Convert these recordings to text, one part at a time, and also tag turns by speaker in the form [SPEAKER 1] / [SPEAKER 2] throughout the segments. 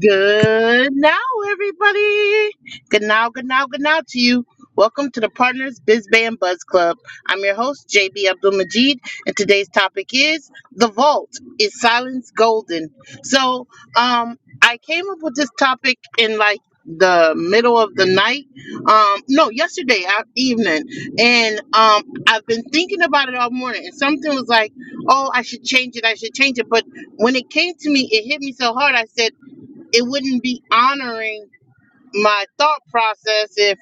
[SPEAKER 1] Good now, everybody. Good now, good now, good now to you. Welcome to the Partners Biz Band Buzz Club. I'm your host, JB Abdul Majid, and today's topic is The Vault. Is silence golden? So, um, I came up with this topic in like the middle of the night um no yesterday a- evening and um i've been thinking about it all morning and something was like oh i should change it i should change it but when it came to me, it hit me so hard. I said it wouldn't be honoring my thought process if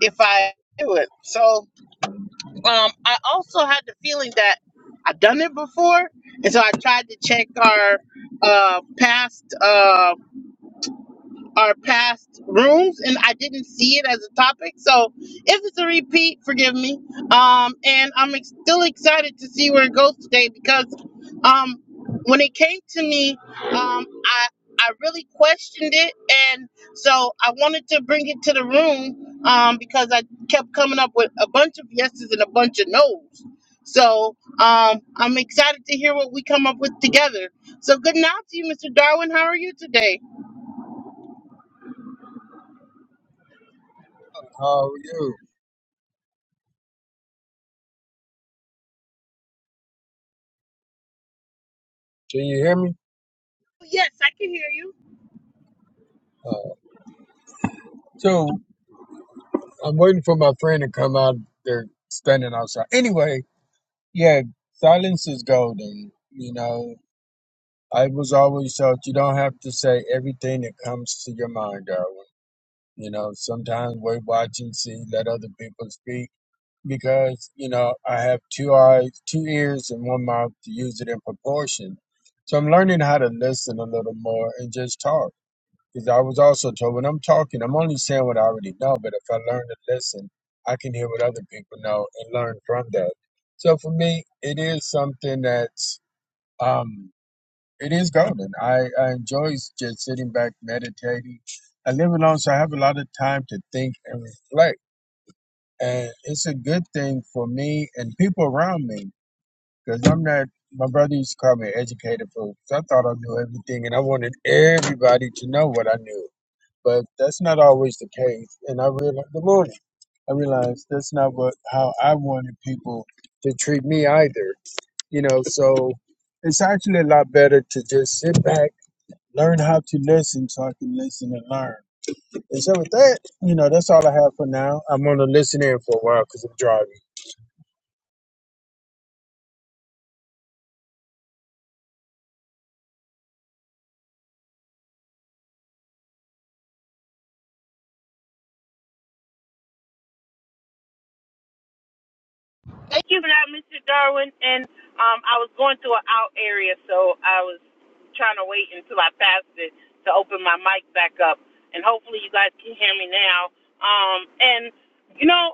[SPEAKER 1] if I do it. So um, I also had the feeling that I've done it before, and so I tried to check our uh, past. Um, our past rooms and I didn't see it as a topic. So if it's a repeat, forgive me. Um, and I'm ex- still excited to see where it goes today because um, when it came to me, um, I I really questioned it, and so I wanted to bring it to the room um, because I kept coming up with a bunch of yeses and a bunch of nos. So um, I'm excited to hear what we come up with together. So good night to you, Mr. Darwin. How are you today?
[SPEAKER 2] How are you? Can you hear me?
[SPEAKER 1] Yes, I can hear you.
[SPEAKER 2] Uh, so I'm waiting for my friend to come out. They're standing outside. Anyway, yeah, silence is golden. You know, I was always taught you don't have to say everything that comes to your mind, Darwin. You know, sometimes wait, watch, and see, let other people speak. Because, you know, I have two eyes, two ears, and one mouth to use it in proportion. So I'm learning how to listen a little more and just talk Because I was also told when I'm talking, I'm only saying what I already know, but if I learn to listen, I can hear what other people know and learn from that. So for me, it is something that's um it is golden. I, I enjoy just sitting back meditating. I live alone, so I have a lot of time to think and reflect. And it's a good thing for me and people around me because I'm not, my brother used to call me an educated fool. So I thought I knew everything and I wanted everybody to know what I knew but that's not always the case. And I realized the morning, I realized that's not what how I wanted people to treat me either. You know, so it's actually a lot better to just sit back, learn how to listen, so I can listen and learn. And so with that, you know, that's all I have for now. I'm gonna listen in for a while because I'm driving.
[SPEAKER 1] Thank you for that, Mr. Darwin. And um, I was going through an out area, so I was trying to wait until I passed it to open my mic back up. And hopefully, you guys can hear me now. Um, and you know.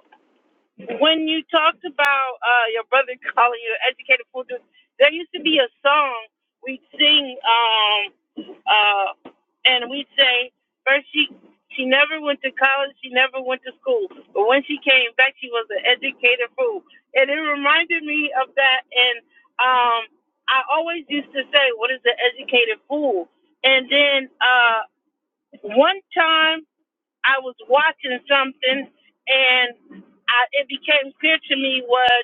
[SPEAKER 1] When you talked about uh, your brother calling you an educated fool, dude, there used to be a song we'd sing, um, uh, and we'd say, first she she never went to college, she never went to school, but when she came back, she was an educated fool, and it reminded me of that. And um, I always used to say, "What is an educated fool?" And then uh, one time. I was watching something, and I, it became clear to me what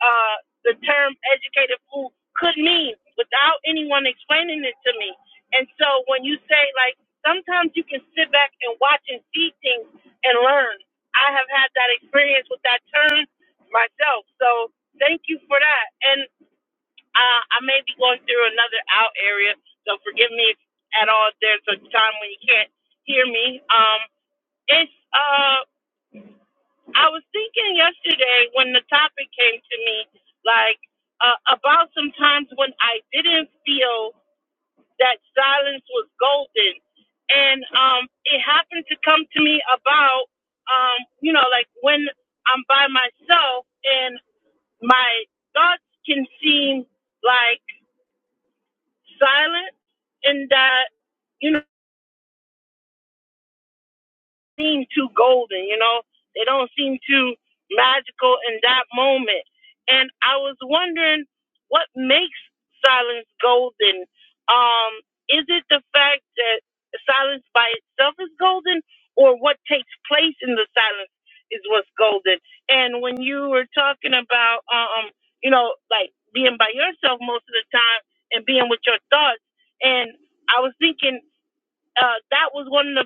[SPEAKER 1] uh, the term educated fool could mean without anyone explaining it to me. And so when you say, like, sometimes you can sit back and watch and see things and learn. I have had that experience with that term myself. So thank you for that. And uh, I may be going through another out area, so forgive me if at all there's a time when you can't hear me. Um, it's uh, I was thinking yesterday when the topic came to me, like uh, about some times when I didn't feel that silence was golden, and um, it happened to come to me about um, you know, like when I'm by myself and my thoughts can seem like silent, and that you know. seem too golden, you know? They don't seem too magical in that moment. And I was wondering what makes silence golden? Um, is it the fact that silence by itself is golden or what takes place in the silence is what's golden? And when you were talking about um, you know, like being by yourself most of the time and being with your thoughts and I was thinking uh, that was one of the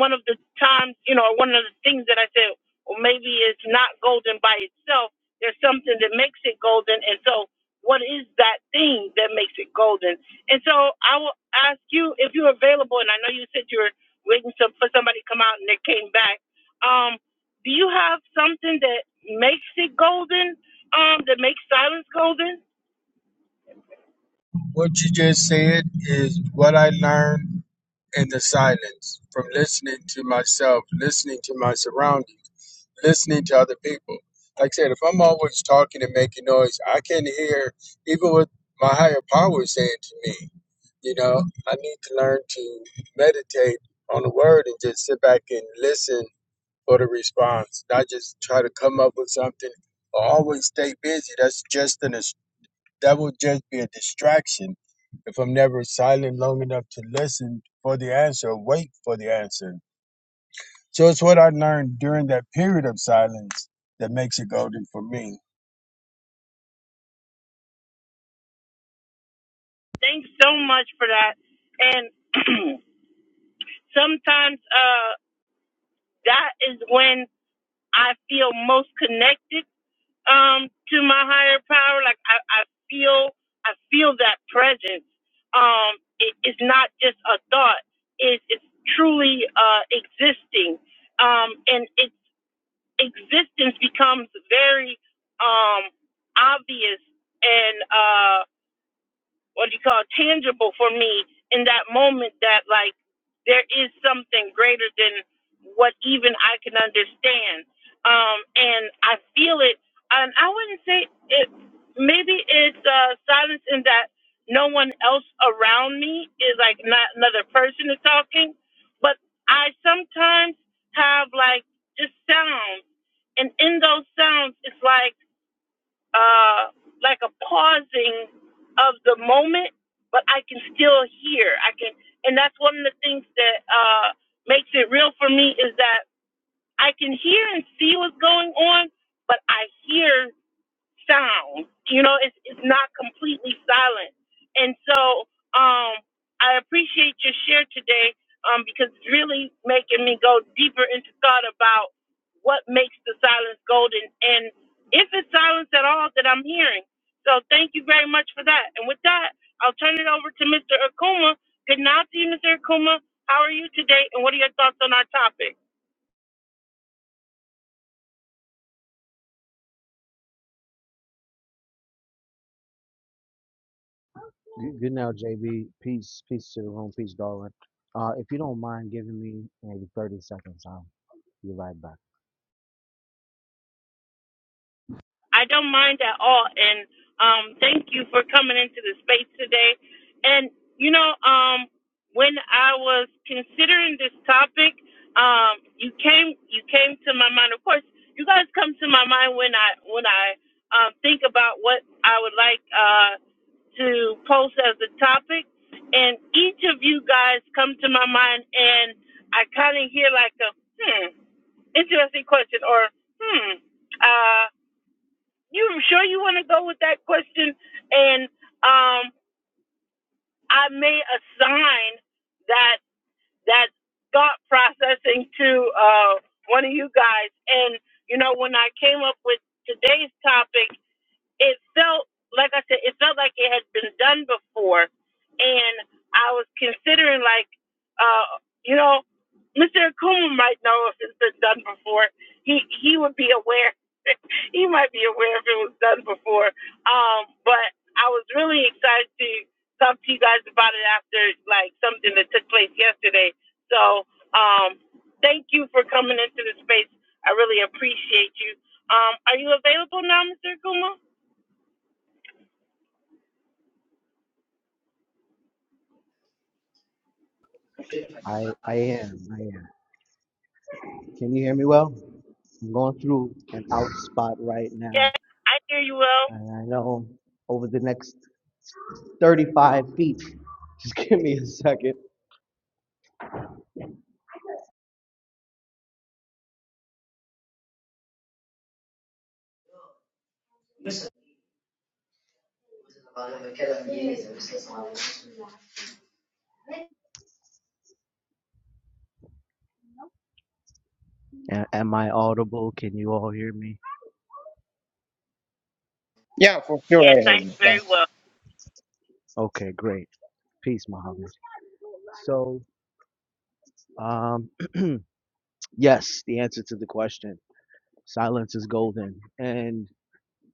[SPEAKER 1] one of the times, you know, or one of the things that I said, well, maybe it's not golden by itself. There's something that makes it golden, and so what is that thing that makes it golden? And so I will ask you if you're available, and I know you said you were waiting some, for somebody to come out, and they came back. Um, do you have something that makes it golden? Um, that makes silence golden?
[SPEAKER 2] What you just said is what I learned in the silence from listening to myself, listening to my surroundings listening to other people. Like I said, if I'm always talking and making noise, I can not hear even what my higher power is saying to me. You know, I need to learn to meditate on the word and just sit back and listen for the response, not just try to come up with something or always stay busy. That's just an that will just be a distraction if I'm never silent long enough to listen for the answer, or wait for the answer so it's what I learned during that period of silence that makes it golden for me.
[SPEAKER 1] Thanks so much for that. And sometimes. uh, that is when I feel most connected um, to my higher power. Like I, I feel, I feel that presence. Um, it, it's not just a thought. It, it's truly uh, existing, um, and its existence becomes very um, obvious and. uh, what do you call it, tangible for me in that moment that like there is something greater than what even I can understand. Um, and I feel it. And I wouldn't say it. Maybe it's uh, silence in that no one else around me is like not another person is talking, but I sometimes have like just sounds, and in those sounds, it's like uh, like a pausing of the moment, but I can still hear. I can, and that's one of the things that uh, makes it real for me is that I can hear and see what's going on, but I hear sound. You know, it's it's not completely silent. And so, um, I appreciate your share today, um, because it's really making me go deeper into thought about what makes the silence golden and if it's silence at all that I'm hearing. So thank you very much for that. And with that, I'll turn it over to Mr. Akuma. Good night to you, Mr. Akuma. How are you today and what are your thoughts on our topic?
[SPEAKER 3] Good, good now, JB. Peace, peace to the room, peace, darling. Uh, if you don't mind giving me maybe 30 seconds, I'll be right back.
[SPEAKER 1] I don't mind at all. And um, thank you for coming into the space today. And you know, um, when I was considering this topic, um, you came you came to my mind. Of course, you guys come to my mind when I when I um, think about what I would like uh, to post as a topic. And each of you guys come to my mind, and I kind of hear like a hmm, interesting question or hmm. uh, you sure you want to go with that question? And um, I may assign that that thought processing to uh, one of you guys. And you know, when I came up with today's topic, it felt like I said, it felt like it had been done before, and I was considering like, uh, you know, Mr. Akuma might know if it's been done before. He he would be aware. he might be aware if it was done before. Um, but I was really excited to talk to you guys about it after like something that took place yesterday. So um, thank you for coming into the space. I really appreciate you. Um, are you available now, Mr. Akuma?
[SPEAKER 3] I, I am, I am. Can you hear me well? I'm going through an out spot right now,
[SPEAKER 1] Yes, I hear you well.
[SPEAKER 3] and I know over the next 35 feet. Just give me a second. A- Am I audible? Can you all hear me?
[SPEAKER 4] Yeah, for sure.
[SPEAKER 1] Yes,
[SPEAKER 4] I
[SPEAKER 1] I hear
[SPEAKER 4] heard.
[SPEAKER 1] you
[SPEAKER 4] Yeah.
[SPEAKER 1] very well.
[SPEAKER 3] Okay, great. Peace, Muhammad. So, um, yes, the answer to the question. Silence is golden, and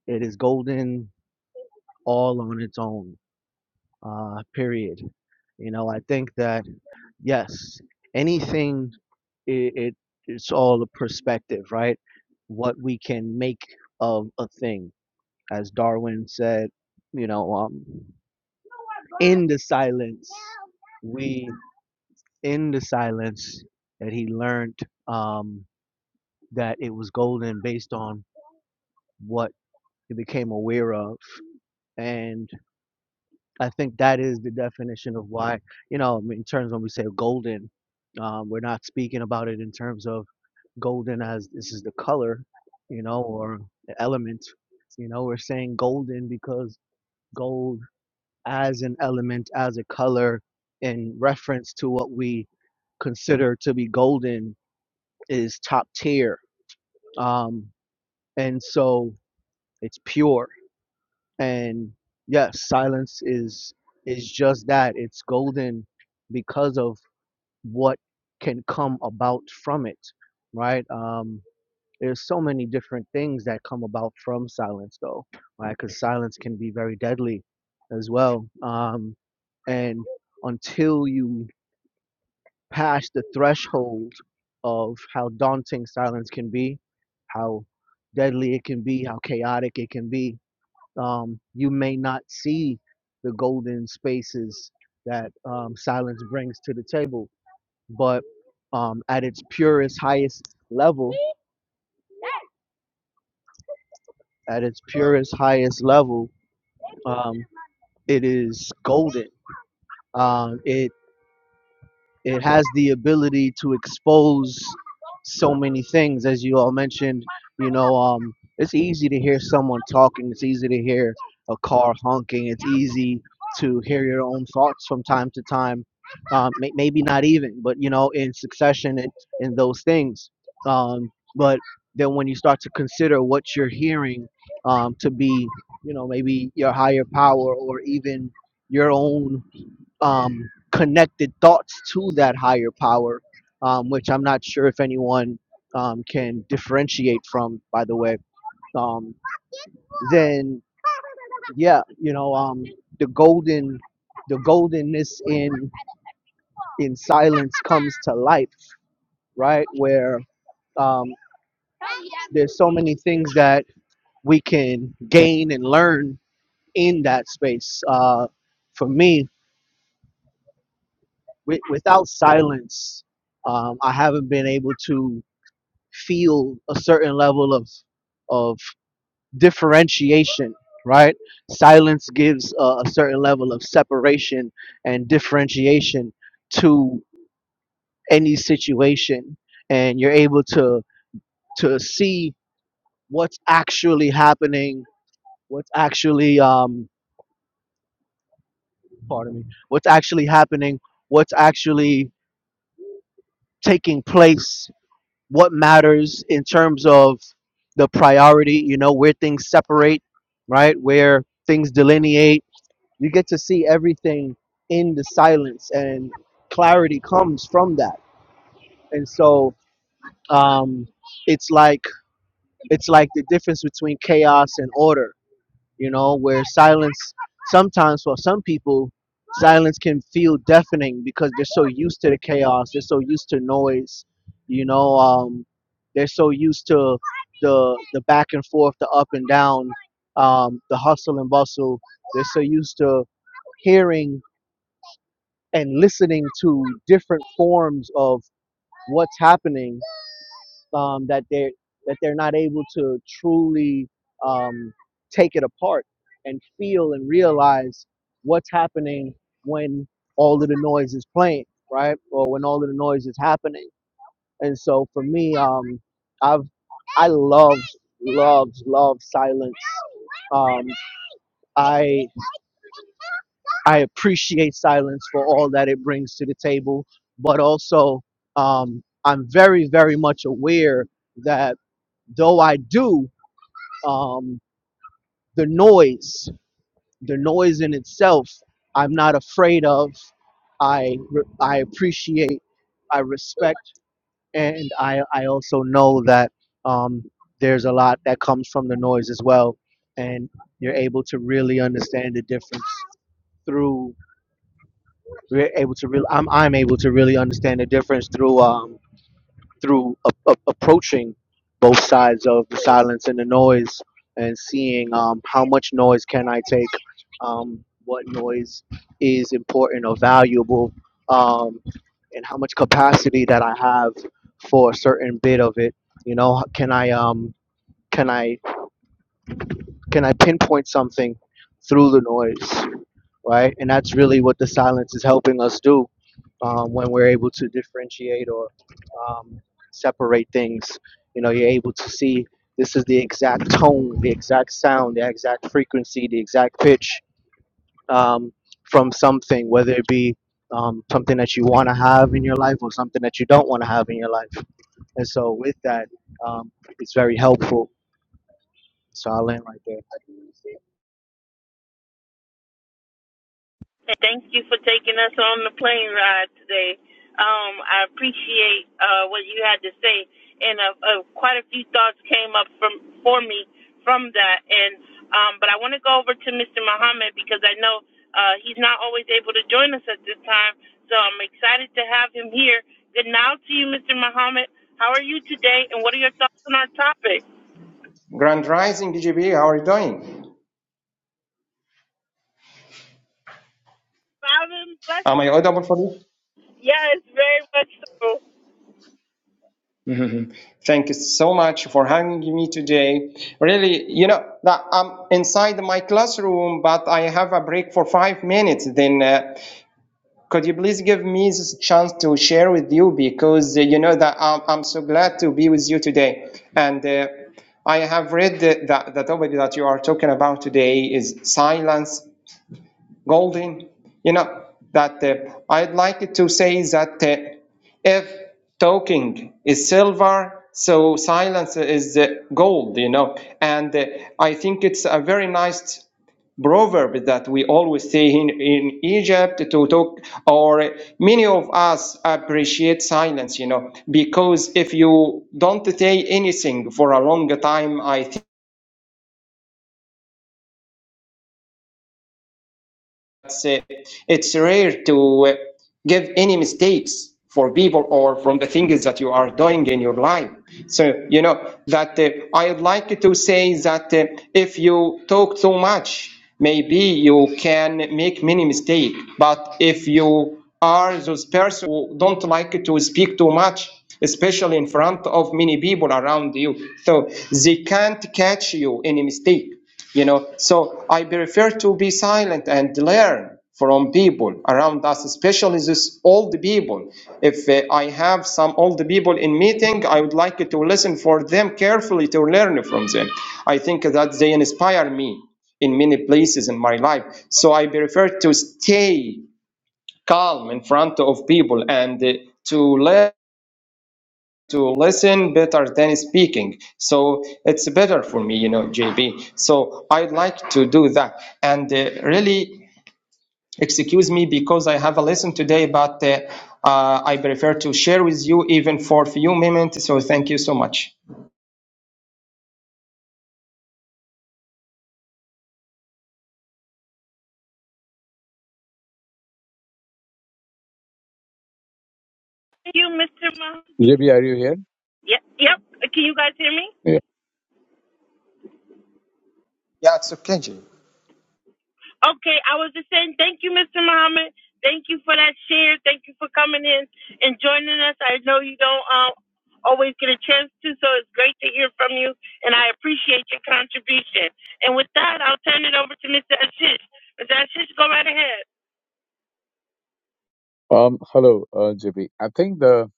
[SPEAKER 3] It is golden all on its own, uh, period. You know, I think that, yes, anything, it, it it's all a perspective, right? What we can make of a thing. As Darwin said, you know, um, in the silence, we, in the silence, that he learned um, that it was golden based on what he became aware of. And I think that is the definition of why, you know, in terms when we say golden, um, we're not speaking about it in terms of golden as this is the color, you know, or the element. You know, we're saying golden because gold as an element, as a color, in reference to what we consider to be golden, is top tier. Um, and so it's pure and yes silence is is just that it's golden because of what can come about from it right um there's so many different things that come about from silence though right because silence can be very deadly as well um and until you pass the threshold of how daunting silence can be how deadly it can be how chaotic it can be um, you may not see the golden spaces that um, silence brings to the table. But um, at its purest, highest level, at its purest, highest level, um, it is golden. Um, it it has the ability to expose so many things as you all mentioned you know um it's easy to hear someone talking it's easy to hear a car honking it's easy to hear your own thoughts from time to time um may- maybe not even but you know in succession and in those things um but then when you start to consider what you're hearing um to be you know maybe your higher power or even your own um, connected thoughts to that higher power, um, which I'm not sure if anyone um, can differentiate from, by the way, um, then yeah, you know, um, the golden, the goldenness in in silence comes to life, right? Where um, there's so many things that we can gain and learn in that space. Uh, for me, wi- without silence, um, I haven't been able to feel a certain level of of differentiation right silence gives uh, a certain level of separation and differentiation to any situation and you're able to to see what's actually happening what's actually um pardon me what's actually happening what's actually taking place what matters in terms of the priority, you know, where things separate, right? Where things delineate. You get to see everything in the silence, and clarity comes from that. And so um, it's like it's like the difference between chaos and order you know, where silence sometimes for some people silence can feel deafening because they're so used to the chaos, they're so used to noise, you know, um, they're so used to the the back and forth, the up and down, um, the hustle and bustle. They're so used to hearing and listening to different forms of what's happening um, that they're that they're not able to truly um, take it apart and feel and realize what's happening when all of the noise is playing, right? Or when all of the noise is happening. And so for me, um, I've I love love love silence. Um, I I appreciate silence for all that it brings to the table, but also um, I'm very very much aware that though I do um, the noise, the noise in itself, I'm not afraid of. I re- I appreciate, I respect, and I I also know that um, there's a lot that comes from the noise as well, and you're able to really understand the difference through. We're able to real. I'm I'm able to really understand the difference through. Um, through a- a- approaching both sides of the silence and the noise and seeing um, how much noise can I take, um, what noise is important or valuable, um, and how much capacity that I have for a certain bit of it. You know, can I um, can I can I pinpoint something through the noise? right? And that's really what the silence is helping us do um, when we're able to differentiate or um, separate things. You know, you're able to see this is the exact tone, the exact sound, the exact frequency, the exact pitch um, from something, whether it be um, something that you want to have in your life or something that you don't want to have in your life. And so, with that, um, it's very helpful. So I'll end right there.
[SPEAKER 1] And thank you for taking us on the plane ride today. Um, I appreciate uh, what you had to say, and uh, uh, quite a few thoughts came up from for me from that. And um, but I want to go over to Mr. Muhammad because I know uh, he's not always able to join us at this time, so I'm excited to have him here. Good now to you, Mr. Muhammad. How are you today, and what are your thoughts on our topic?
[SPEAKER 4] Grand Rising DJB, how are you doing?
[SPEAKER 1] I've been blessed.
[SPEAKER 4] Am I audible for you?
[SPEAKER 1] Yes, very much so.
[SPEAKER 4] Mhm. Thank you so much for having me today. Really, you know, that I'm inside my classroom, but I have a break for five minutes. Then, uh, could you please give me this chance to share with you? Because uh, you know that I'm, I'm so glad to be with you today. And uh, I have read the, the, the topic that you are talking about today is silence Golden, you know, that uh, I'd like to say that uh, if talking is silver, so silence is uh, gold, you know. And uh, I think it's a very nice proverb that we always say in, in Egypt to talk, or many of us appreciate silence, you know, because if you don't say anything for a long time, I uh, it's rare to uh, give any mistakes for people or from the things that you are doing in your life. So, you know, that uh, I would like to say that uh, if you talk too much, maybe you can make many mistake. But if you are those person who don't like to speak too much, especially in front of many people around you, so they can't catch you any mistake. You know, so I prefer to be silent and learn from people around us, especially this old people. If uh, I have some old people in meeting, I would like to listen for them carefully to learn from them. I think that they inspire me in many places in my life. So I prefer to stay calm in front of people and uh, to learn to listen better than speaking. So it's better for me, you know, JB. So I'd like to do that. And uh, really, excuse me because I have a lesson today, but uh, uh, I prefer to share with you even for a few minutes. So thank you so much.
[SPEAKER 1] Thank you, Mr. Muhammad.
[SPEAKER 5] JB, are you here?
[SPEAKER 1] Yep, yep. Can you guys hear me?
[SPEAKER 5] Yeah.
[SPEAKER 4] Yeah, it's okay, JB.
[SPEAKER 1] Okay, I was just saying thank you, Mr. Muhammad. Thank you for that share. Thank you for coming in and joining us. I know you don't um, always get a chance to, so it's great to hear from you, and I appreciate your contribution. And with that, I'll turn it over to Mr. Ashish. Mr. Ashish, go right ahead.
[SPEAKER 5] Um, hello, uh, JB. I think the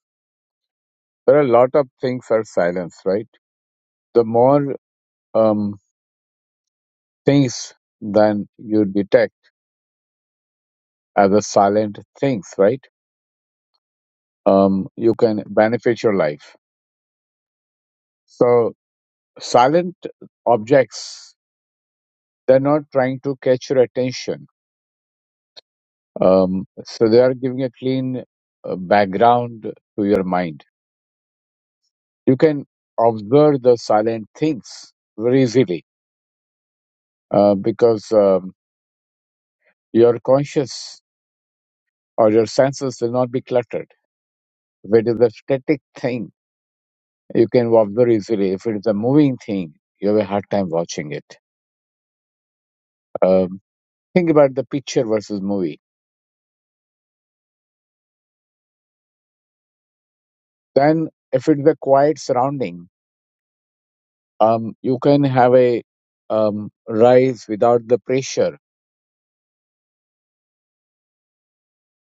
[SPEAKER 5] there are a lot of things are silenced, right? The more um, things than you detect as a silent things, right? Um, you can benefit your life. So silent objects, they're not trying to catch your attention. Um, so they are giving a clean uh, background to your mind. You can observe the silent things very easily uh, because. Um, Your conscious or your senses will not be cluttered. If it is a static thing, you can observe easily. If it is a moving thing, you have a hard time watching it. Um, think about the picture versus movie. Then, if it is a quiet surrounding, um, you can have a um, rise without the pressure.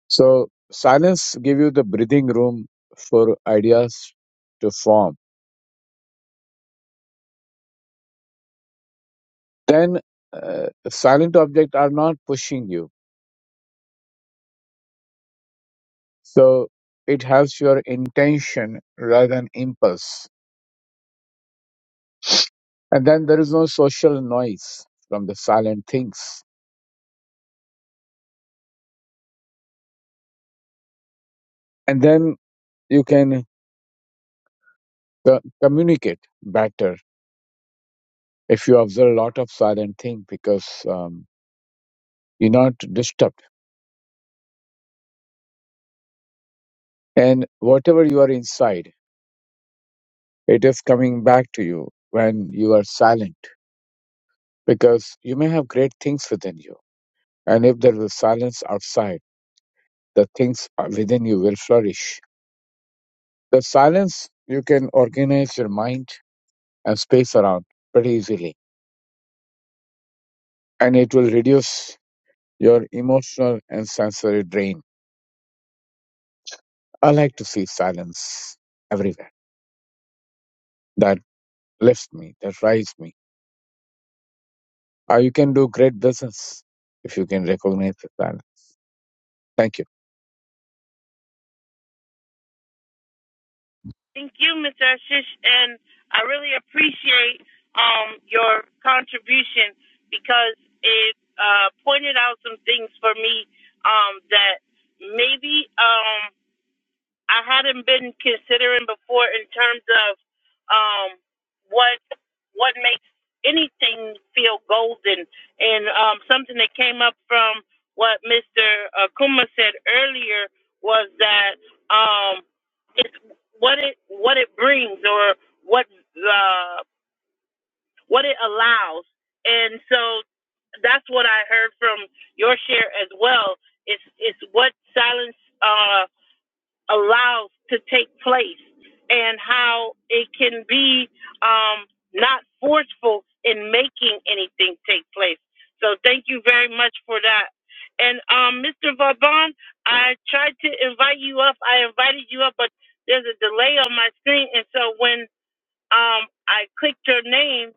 [SPEAKER 5] So, silence give you the breathing room for ideas to form. Then, uh, silent objects are not pushing you So it helps your intention rather than impulse. And then there is no social noise from the silent things. And then you can co- communicate better if you observe a lot of silent things because um, you're not disturbed. And whatever you are inside, it is coming back to you when you are silent because you may have great things within you. And if there is silence outside, the things within you will flourish The silence you can organize your mind and space around pretty easily, and it will reduce your emotional and sensory drain. I like to see silence everywhere. That lifts me, that rises me. Uh, you can do great business if you can recognize the silence. Thank you.
[SPEAKER 1] Thank you, Mr. Ashish, and I really appreciate um, your contribution because it uh, pointed out some things for me um, that maybe. Um, I hadn't been considering before in terms of um, what what makes anything feel golden, and um, something that came up from what Mr. Akuma said earlier was that um, it's what it what it brings or what uh, what it allows, and so that's what I heard from your share as well. It's it's what silence. Uh, allows to take place and how it can be um, not forceful in making anything take place. So thank you very much for that. And um, Mr. Vaughn, I tried to invite you up. I invited you up, but there's a delay on my screen. And so when um, I clicked your name,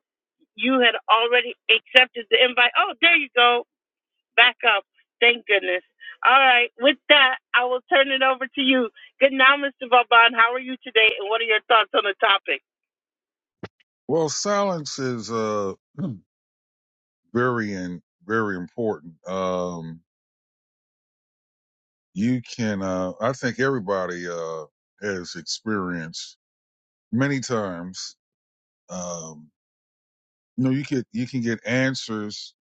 [SPEAKER 1] you had already accepted the invite. Oh, there you go back up. Thank goodness. All right. With that, I will turn it over to you. Good now, Mr. Vaban. How are you today? And what are your thoughts on the topic?
[SPEAKER 6] Well, silence is uh very and very important. Um you can uh I think everybody uh has experienced many times um you know you get you can get answers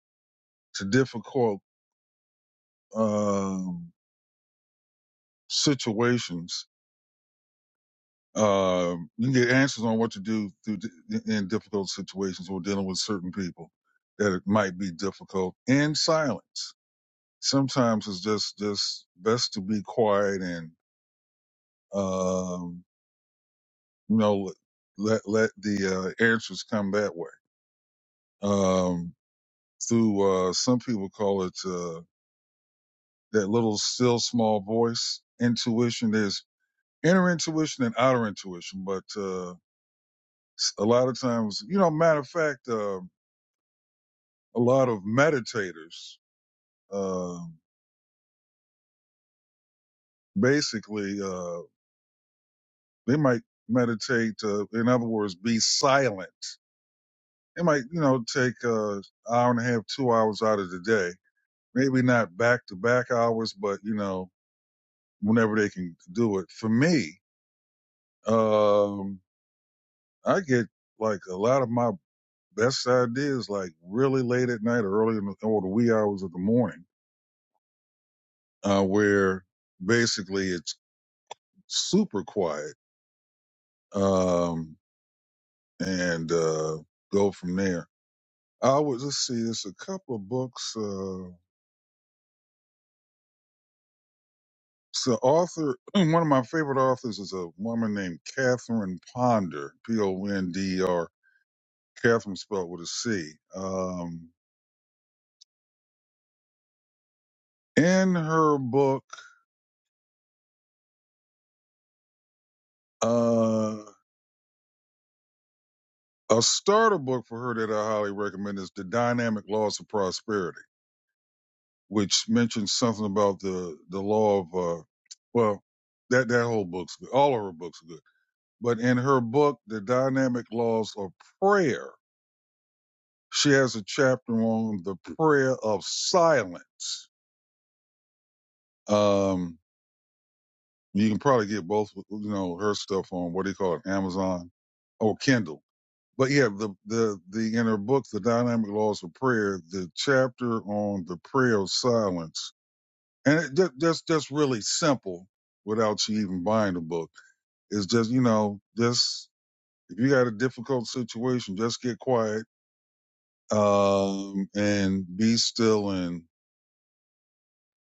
[SPEAKER 6] to difficult um situations. Um you can get answers on what to do through di- in difficult situations or dealing with certain people that it might be difficult in silence. sometimes it's just just best to be quiet and um you know let let the uh, answers come that way um through uh some people call it uh that little still small voice intuition there's inner intuition and outer intuition but uh s- a lot of times you know matter of fact uh, a lot of meditators um basically uh they might meditate uh, in other words be silent It might, you know, take uh hour and a half, two hours out of the day. Maybe not back to back hours, but you know, whenever they can do it. For me, um, I get like a lot of my best ideas like really late at night or early in the, or the wee hours of the morning, uh, where basically it's super quiet. Um, and, uh, go from there. I would let's see, there's a couple of books, Uh, So author, one of my favorite authors is a woman named Catherine Ponder, P-O-N-D-E-R, Catherine spelled with a C. Um, in her book, uh, a starter book for her that I highly recommend is The Dynamic Laws of Prosperity, which mentions something about the, the law of, uh, well, that, that whole book's good. All of her books are good. But in her book, The Dynamic Laws of Prayer, She has a chapter on the prayer of silence. Um, you can probably get both, you know, her stuff on what do you call it, Amazon or Kindle. But yeah, the the the in her book, The Dynamic Laws of Prayer, the chapter on the prayer of silence, and it, that, that's that's really simple without you even buying the book. It's just you know, just if you got a difficult situation, just get quiet um, and be still and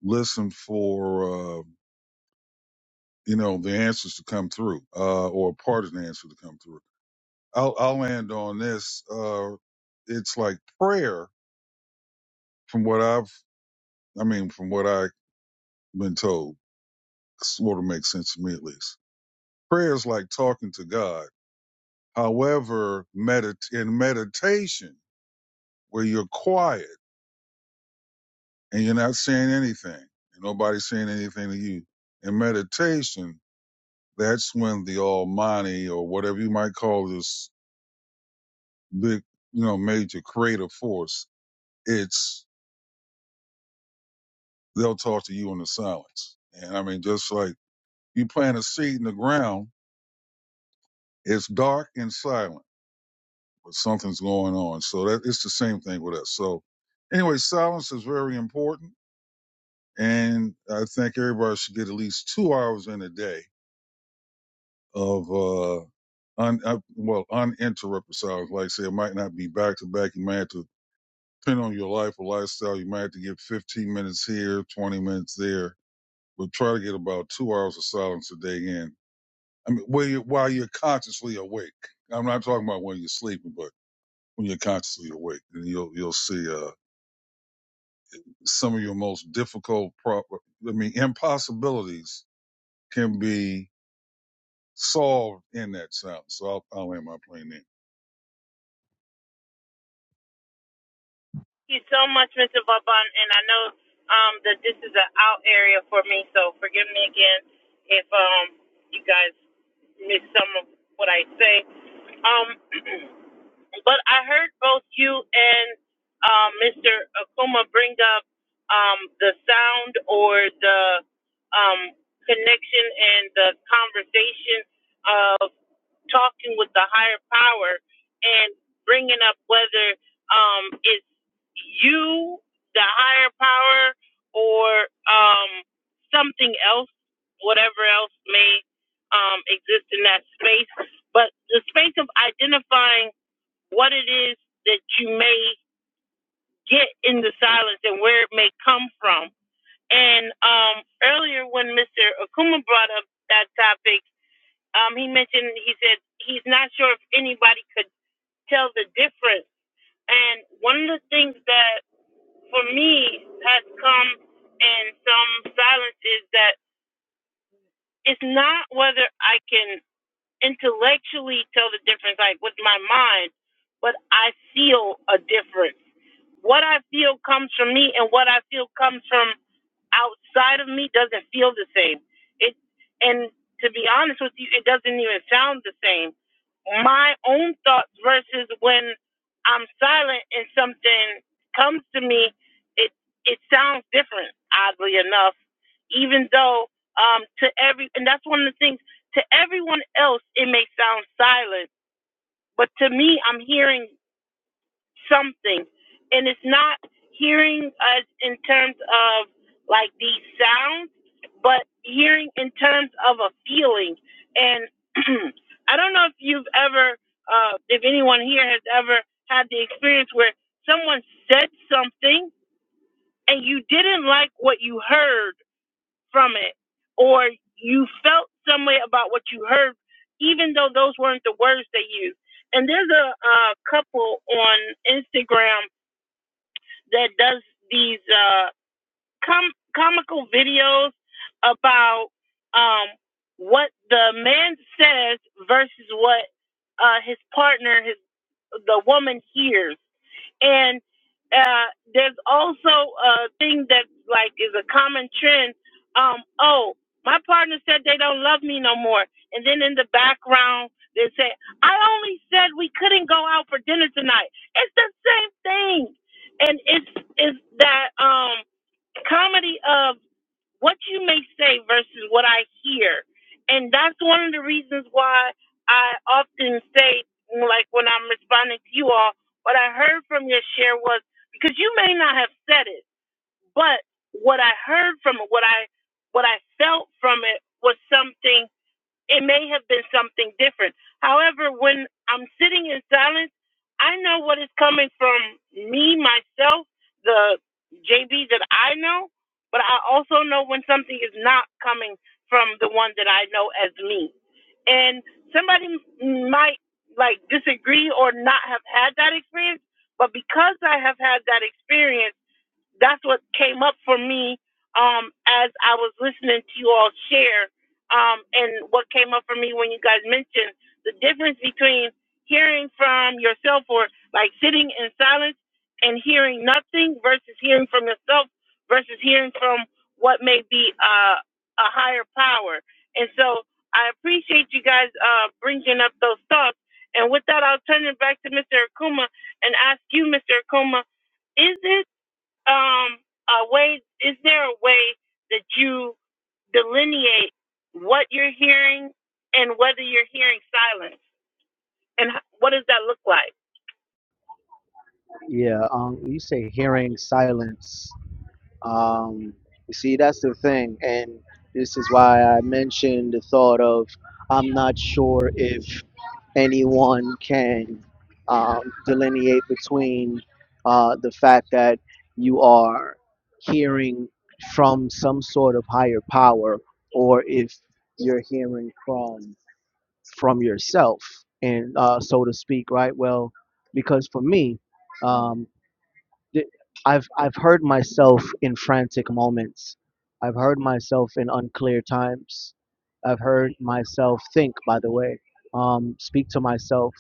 [SPEAKER 6] listen for uh, you know the answers to come through uh, or part of the answer to come through. I'll, I'll end on this. Uh, it's like prayer, from what I've, I mean, from what I've been told, sort of makes sense to me at least. Prayer is like talking to God. However, medit in meditation, where you're quiet and you're not saying anything, and nobody's saying anything to you, in meditation, that's when the Almighty or whatever you might call this big, you know, major creative force, it's they'll talk to you in the silence. And I mean, just like you plant a seed in the ground, it's dark and silent, but something's going on. So that it's the same thing with us. So anyway, silence is very important, and I think everybody should get at least two hours in a day of. uh Un, uh, well, uninterrupted silence. Like I say, it might not be back to back. You might have to, depending on your life or lifestyle, you might have to get 15 minutes here, 20 minutes there but try to get about two hours of silence a day in. I mean, where you, while you're consciously awake. I'm not talking about when you're sleeping, but when you're consciously awake, and you'll you'll see uh, some of your most difficult, pro- I mean, impossibilities can be solved in that silence. So I'll, I'll end my plane there.
[SPEAKER 1] Thank you so much, Mr. Vaban. And I know um, that this is an out area for me, so forgive me again if um, you guys miss some of what I say. Um, But I heard both you and um, Mr. Akuma bring up um, the sound or the um, connection and the conversation of talking with the higher power and bringing up whether um, it's you, the higher power, or um, something else, whatever else may um, exist in that space. But the space of identifying what it is that you may get in the silence and where it may come from. And um, earlier, when Mr. Akuma brought up that topic, um, he mentioned he said he's not sure if anybody could tell the difference. And one of the things that for me has come in some silence is that it's not whether I can intellectually tell the difference, like with my mind, but I feel a difference. What I feel comes from me, and what I feel comes from outside of me doesn't feel the same. It and to be honest with you, it doesn't even sound the same. My own thoughts versus when I'm silent and something comes to me, it it sounds different. Oddly enough, even though um, to every and that's one of the things to everyone else, it may sound silent, but to me, I'm hearing something. And it's not hearing us in terms of like these sounds, but hearing in terms of a feeling. And I don't know if you've ever, uh, if anyone here has ever had the experience where someone said something and you didn't like what you heard from it or you felt some way about what you heard even though those weren't the words they used and there's a, uh couple on instagram that does these uh com- comical videos about um what the man says versus what uh his partner his the woman hears and uh, there's also a thing that like is a common trend. Um, oh, my partner said they don't love me no more, and then in the background they say, "I only said we couldn't go out for dinner tonight." It's the same thing, and it's it's that um comedy of what you may say versus what I hear. And that's one of the reasons why I often say, like when I'm responding to you all, what I heard from your share was because you may not have said it, but what I heard from it, what I what I felt from it was something it may have been something different. However, when I'm sitting in silence, I know what is coming from me, myself, the JB that I know, but I also know when something is not coming from the one that I know as me. And somebody m- might like disagree or not have had that experience, but because I have had that experience, that's what came up for me um, as I was listening to you all share, um, and what came up for me when you guys mentioned the difference between hearing from yourself or like sitting in silence and hearing nothing versus hearing from yourself versus hearing from what may be uh, a higher power. And so I appreciate you guys uh, bringing up those thoughts. And with that, I'll turn it back to Mr. Akuma and ask you, Mr. Akuma, is it um a way is there a way that you delineate what you're hearing and whether you're hearing silence and what does that look like
[SPEAKER 3] Yeah, um, you say hearing silence. Um, you see, that's the thing, and this is why I mentioned the thought of I'm not sure if anyone can um, delineate between uh, the fact that you are hearing from some sort of higher power, or if you're hearing from from yourself, and uh, so to speak, right? Well, because for me. um, Th- I've I've heard myself in frantic moments. I've heard myself in unclear times. I've heard myself think. By the way, um, speak to myself.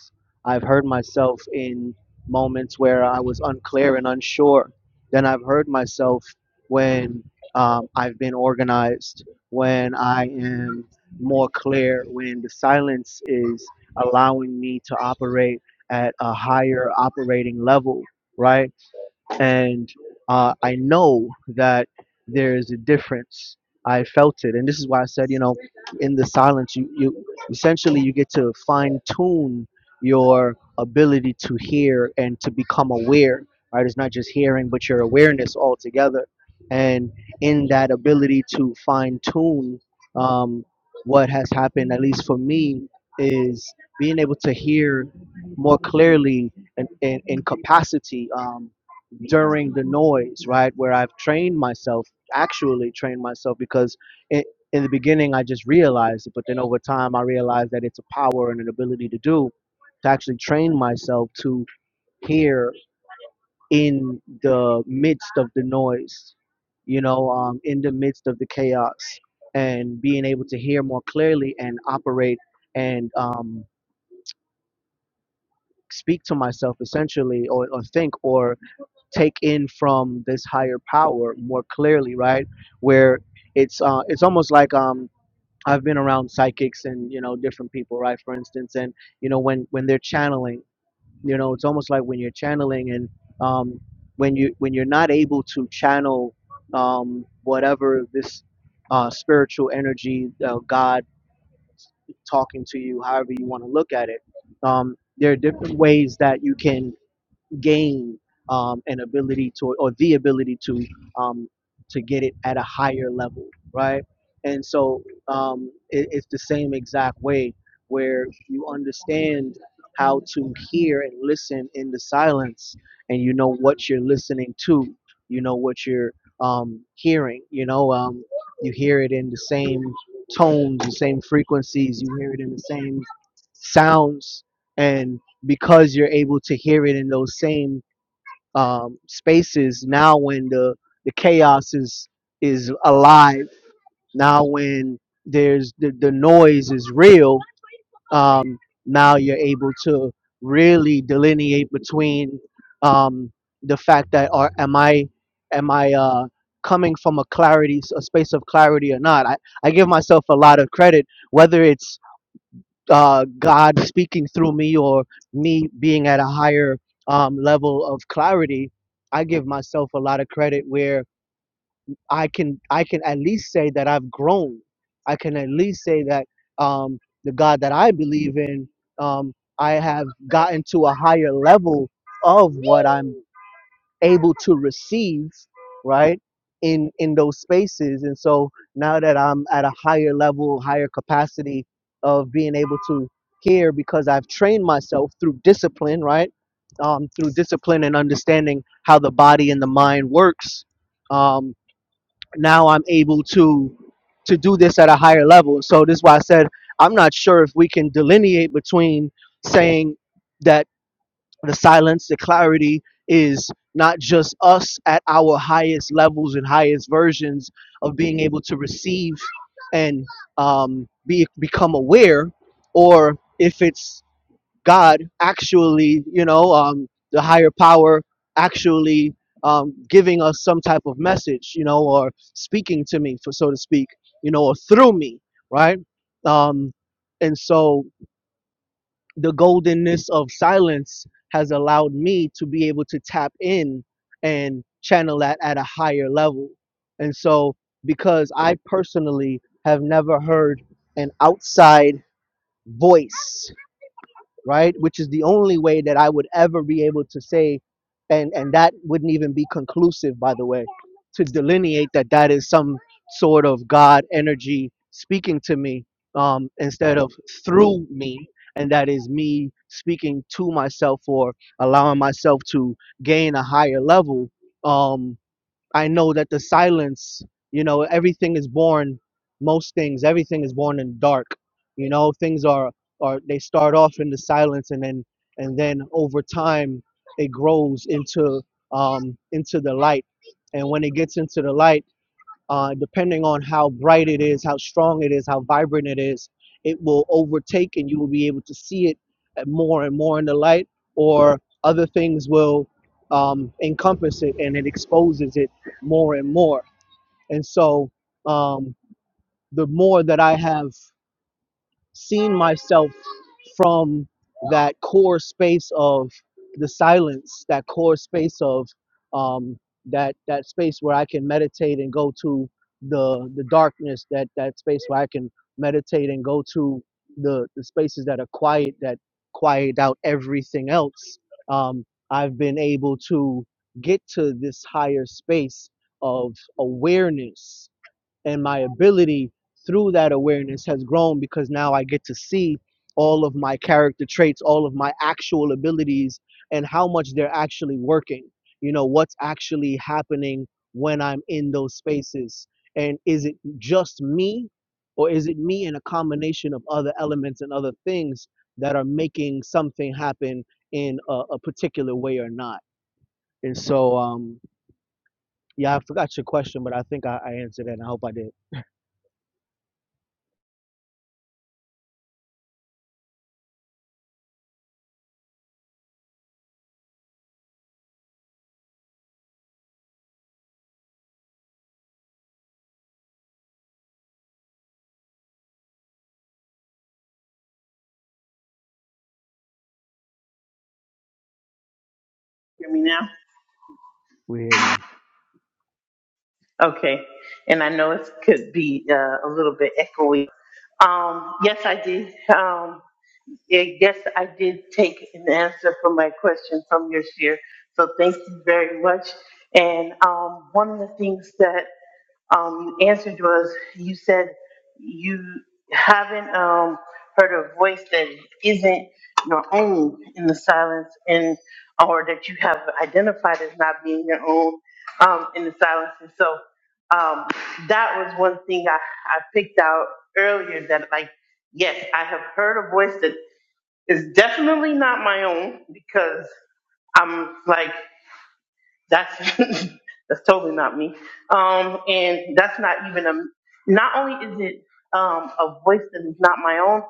[SPEAKER 3] I've heard myself in moments where I was unclear and unsure. Then I've heard myself when um, I've been organized, when I am more clear, when the silence is allowing me to operate at a higher operating level, right? and uh, I know that there is a difference. I felt it, and this is why I said, you know, in the silence, you you essentially you get to fine tune your ability to hear and to become aware. Right, it's not just hearing, but your awareness altogether, and in that ability to fine tune, um, what has happened, at least for me, is being able to hear more clearly and in, in, in capacity. Um, during the noise, right? Where I've trained myself, actually trained myself, because i in the beginning I just realized it, but then over time I realized that it's a power and an ability to do to actually train myself to hear in the midst of the noise, you know, um, in the midst of the chaos, and being able to hear more clearly and operate and um, speak to myself essentially, or, or think, or take in from this higher power more clearly, right? Where it's uh, it's almost like um, I've been around psychics and you know different people, right? For instance, and you know when when they're channeling, you know it's almost like when you're channeling and um, when you when you're not able to channel um, whatever this uh, spiritual energy, uh, God talking to you, however you want to look at it. Um, there are different ways that you can gain um, an ability to or the ability to um, to get it at a higher level right and so um, it, it's the same exact way where you understand how to hear and listen in the silence and you know what you're listening to you know what you're um, hearing you know um, you hear it in the same tones the same frequencies you hear it in the same sounds and because you're able to hear it in those same um, spaces now when the the chaos is is alive now when there's the, the noise is real um, now you're able to really delineate between um, the fact that are am i am i uh, coming from a clarity a space of clarity or not I, I give myself a lot of credit whether it's uh, God speaking through me or me being at a higher um, level of clarity, I give myself a lot of credit where I can I can at least say that I've grown. I can at least say that um, the God that I believe in, um, I have gotten to a higher level of what I'm able to receive right in in those spaces and so now that i'm at a higher level higher capacity of being able to hear because i've trained myself through discipline right um, through discipline and understanding how the body and the mind works um, now i'm able to to do this at a higher level so this is why i said i'm not sure if we can delineate between saying that the silence, the clarity is not just us at our highest levels and highest versions of being able to receive and um, be become aware, or if it's God actually, you know, um, the higher power actually um, giving us some type of message, you know, or speaking to me, for so to speak, you know, or through me, right? Um, and so the goldenness of silence has allowed me to be able to tap in and channel that at a higher level. And so, because I personally have never heard an outside voice right? Which is the only way that I would ever be able to say, and and that wouldn't even be conclusive, by the way, to delineate that that is some sort of God energy speaking to me um, instead of through me, and that is me speaking to myself or allowing myself to gain a higher level. Um, I know that the silence, you know, everything is born, most things, everything is born in dark. You know, things are, are they start off in the silence and then, and then over time it grows into, um, into the light. And when it gets into the light, uh, depending on how bright it is, how strong it is, how vibrant it is, it will overtake and you will be able to see it more and more in the light, or other things will um, encompass it and it exposes it more and more. And so, um, the more that I have seen myself from that core space of the silence, that core space of um, that that space where I can meditate and go to the the darkness, that that space where I can meditate and go to the the spaces that are quiet, that quiet out everything else. Um, I've been able to get to this higher space of awareness and my ability through that awareness has grown because now I get to see all of my character traits, all of my actual abilities, and how much they're actually working. You know, what's actually happening when I'm in those spaces. And is it just me, or is it me and a combination of other elements and other things that are making something happen in a, a particular way or not? And so, um, yeah, I forgot your question, but I think I, I answered it, and I hope I did.
[SPEAKER 1] Hear me now?
[SPEAKER 3] We hear you.
[SPEAKER 1] Okay. And I know it could be uh, a little bit echoey. Um, yes, I did. Um, yeah, yes, I did take an answer for my question from your share. So thank you very much. And um, one of the things that um, you answered was you said you haven't um, heard a voice that isn't your own in the silence and or that you have identified as not being your own um, in the silence and so um, that was one thing I, I picked out earlier that like yes i have heard a voice that is definitely not my own because i'm like that's that's totally not me. Um, and that's not even a. Not only is it um, a voice that is not my own,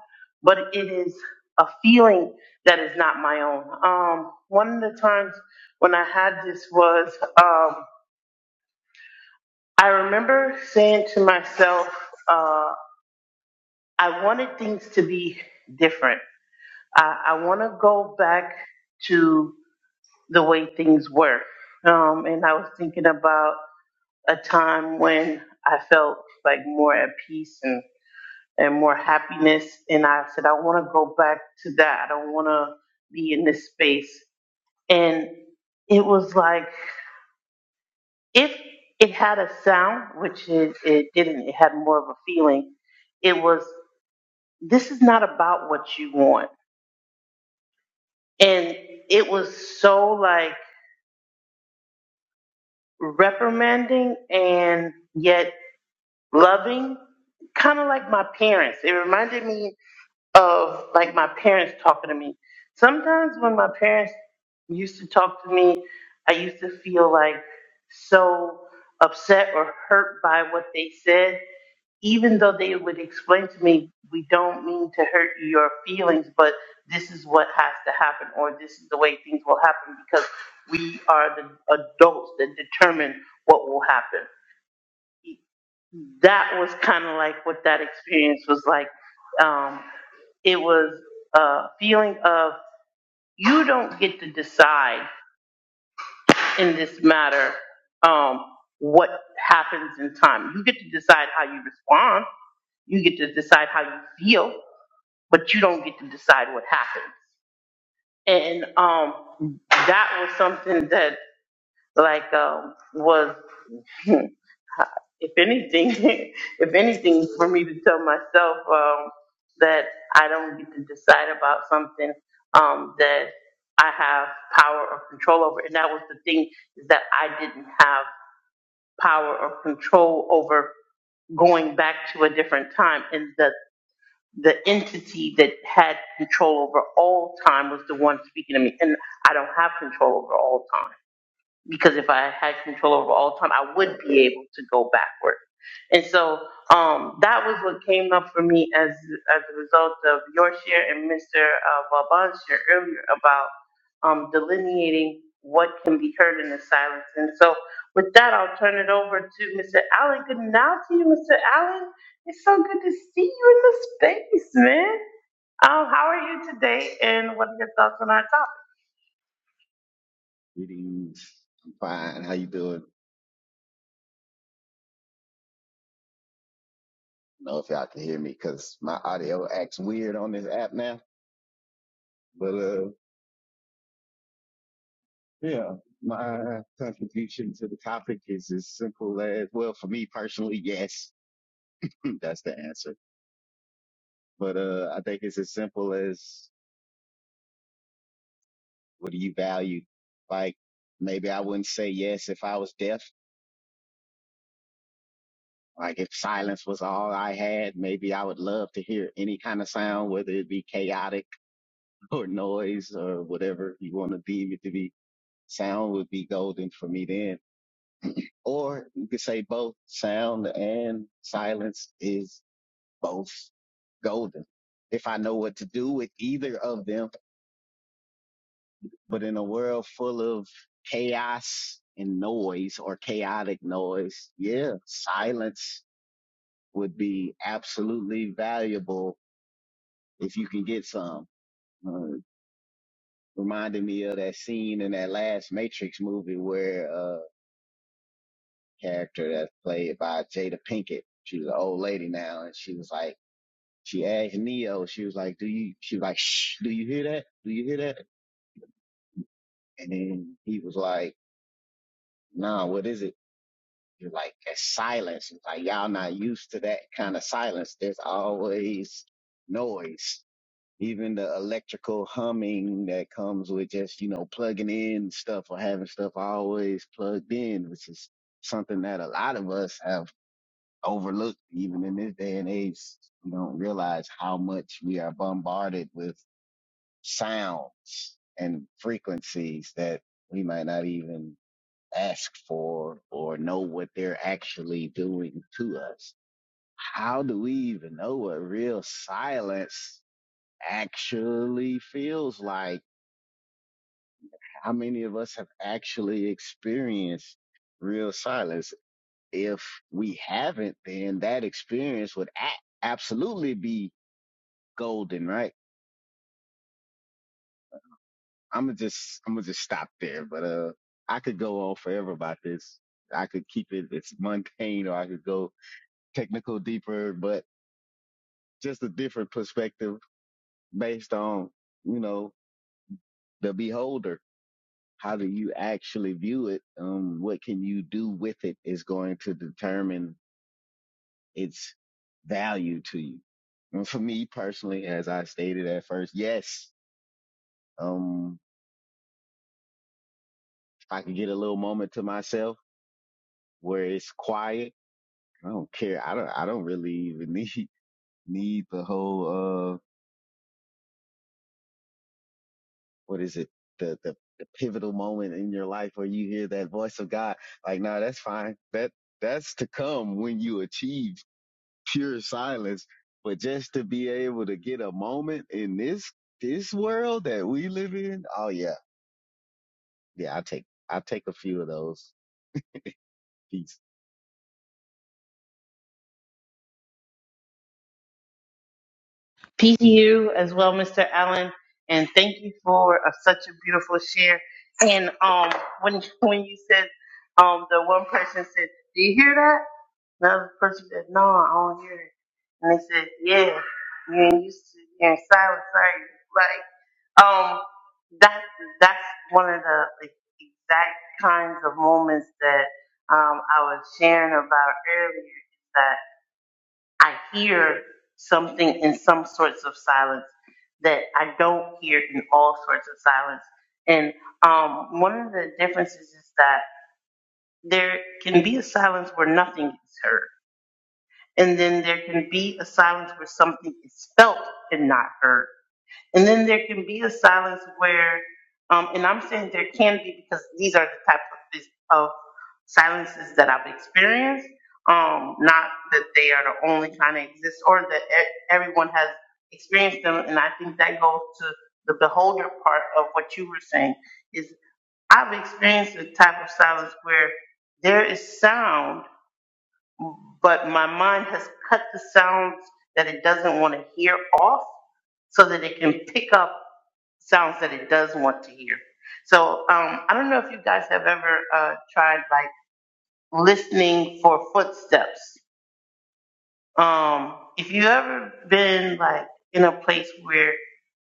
[SPEAKER 1] but it is a feeling that is not my own. Um, one of the times when I had this was um, I remember saying to myself, uh, I wanted things to be different. I, I want to go back to the way things were. Um, and I was thinking about a time when I felt like more at peace and, and more happiness. And I said, I want to go back to that. I don't want to be in this space. And it was like, if it had a sound, which it, it didn't, it had more of a feeling, it was, this is not about what you want. And it was so like reprimanding and yet loving, kind of like my parents. It reminded me of like my parents talking to me. Sometimes when my parents used to talk to me, I used to feel like so upset or hurt by what they said, even though they would explain to me, we don't mean to hurt your feelings, but this is what has to happen, or this is the way things will happen because we are the adults that determine what will happen that was kind of like what that experience was like. Um, it was a feeling of you don't get to decide in this matter um, what happens in time. You get to decide how you respond. You get to decide how you feel, but you don't get to decide what happens. And um, that was something that like um, was. if anything, if anything, for me to tell myself um, that I don't get to decide about something um, that I have power or control over. And that was the thing is that I didn't have power or control over going back to a different time. And the the entity that had control over all time was the one speaking to me. And I don't have control over all time because if I had control over all time, I would be able to go backward. And so um, that was what came up for me as as a result of your share and Mr. Uh, share earlier about um, delineating what can be heard in the silence. And so with that, I'll turn it over to Mr. Allen. Good now to you, Mr. Allen. It's so good to see you in the space, man. Um, how are you today, and what are your thoughts on our topic?
[SPEAKER 7] Greetings. I'm fine. How you doing? I don't know if y'all can hear me because my audio acts weird on this app now. But uh, yeah, my contribution to the topic is as simple as well for me personally, yes, that's the answer. But uh, I think it's as simple as what do you value? Like maybe I wouldn't say yes if I was deaf. Like if silence was all I had, maybe I would love to hear any kind of sound, whether it be chaotic or noise or whatever you want to deem it to be sound would be golden for me then. Or you could say both sound and silence is both golden. If I know what to do with either of them, but in a world full of chaos and noise or chaotic noise, yeah, silence would be absolutely valuable if you can get some. Uh, reminded me of that scene in that last Matrix movie where uh, character that's played by Jada Pinkett. She's an old lady now, and she was like, she asked Neo, she was like, "Do you?" She was like, "Shh, do you hear that? Do you hear that?" And then he was like, "Nah, what is it?" You're like, "It's silence." It's like y'all not used to that kind of silence. There's always noise. Even the electrical humming that comes with just, you know, plugging in stuff or having stuff always plugged in, which is something that a lot of us have overlooked even in this day and age. We don't realize how much we are bombarded with sounds and frequencies that we might not even ask for or know what they're actually doing to us. How do we even know what real silence actually feels like? How many of us have actually experienced real silence? If we haven't, then that experience would act absolutely be golden, right? I'm gonna just I'm gonna just stop there, but uh, I could go on forever about this. I could keep it it's mundane, or I could go technical deeper, but just a different perspective based on you know the beholder. How do you actually view it? Um, what can you do with it is going to determine its value to you. And for me personally, as I stated at first, yes, um, if I can get a little moment to myself where it's quiet I don't care. I don't. I don't really even need need the whole uh what is it the the, the pivotal moment in your life where you hear that voice of God. Like, no, that's fine. That that's to come when you achieve pure silence. But just to be able to get a moment in this this world that we live in, oh yeah, yeah. I take I take a few of those. Peace.
[SPEAKER 1] P.T.U. as well, Mr. Allen, and thank you for uh, such a beautiful share. And um, when when you said, um, the one person said, "Do you hear that?" Another person said, "No, I don't hear it." And they said, "Yeah, you ain't used to hearing silence, are you?" Like, um, that that's one of the like, exact kinds of moments that um I was sharing about earlier. I hear something in some sorts of silence that I don't hear in all sorts of silence. And um, one of the differences is that there can be a silence where nothing is heard, and then there can be a silence where something is felt and not heard. And then there can be a silence where, um, and I'm saying there can be because these are the types of, this, of silences that I've experienced. Um, not that they are the only kind that exist or that e- everyone has experienced them. And I think that goes to the beholder part of what you were saying is I've experienced the type of silence where there is sound but my mind has cut the sounds that it doesn't want to hear off so that it can pick up sounds that it does want to hear. So um, I don't know if you guys have ever uh, tried like listening for footsteps. Um, if you ever been like in a place where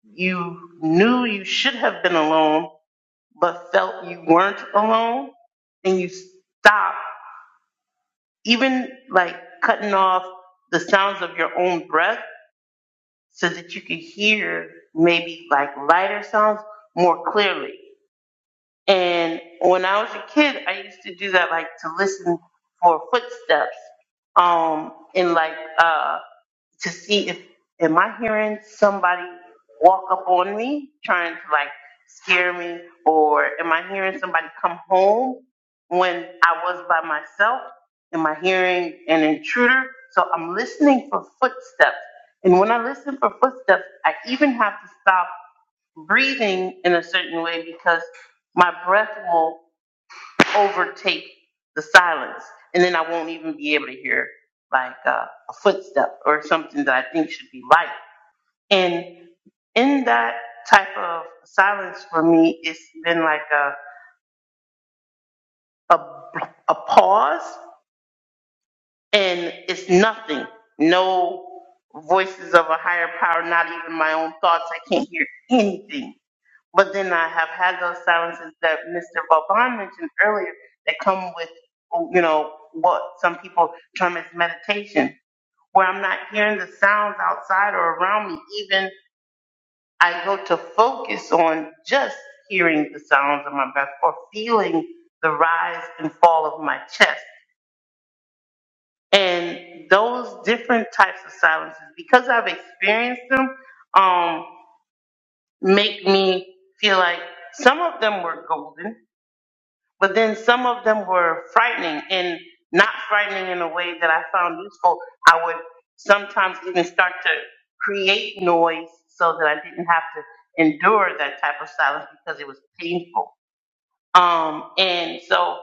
[SPEAKER 1] you knew you should have been alone but felt you weren't alone, and you stopped even like cutting off the sounds of your own breath so that you can hear maybe like lighter sounds more clearly. And when I was a kid, I used to do that like to listen for footsteps um, in like uh, to see if am I hearing somebody walk up on me trying to like scare me or am I hearing somebody come home when I was by myself? Am I hearing an intruder? So I'm listening for footsteps. And when I listen for footsteps, I even have to stop breathing in a certain way because my breath will overtake the silence, and then I won't even be able to hear like uh, a footstep or something that I think should be light. And in that type of silence for me, it's been like a a, a pause, and it's nothing, no voices of a higher power, not even my own thoughts. I can't hear anything But then I have had those silences that Mr. Vauban mentioned earlier that come with, you know, what some people term as meditation, where I'm not hearing the sounds outside or around me. Even I go to focus on just hearing the sounds of my breath or feeling the rise and fall of my chest. And those different types of silences, because I've experienced them, um, make me feel like some of them were golden But then some of them were frightening and not frightening in a way that I found useful. I would sometimes even start to create noise so that I didn't have to endure that type of silence because it was painful. Um, and so,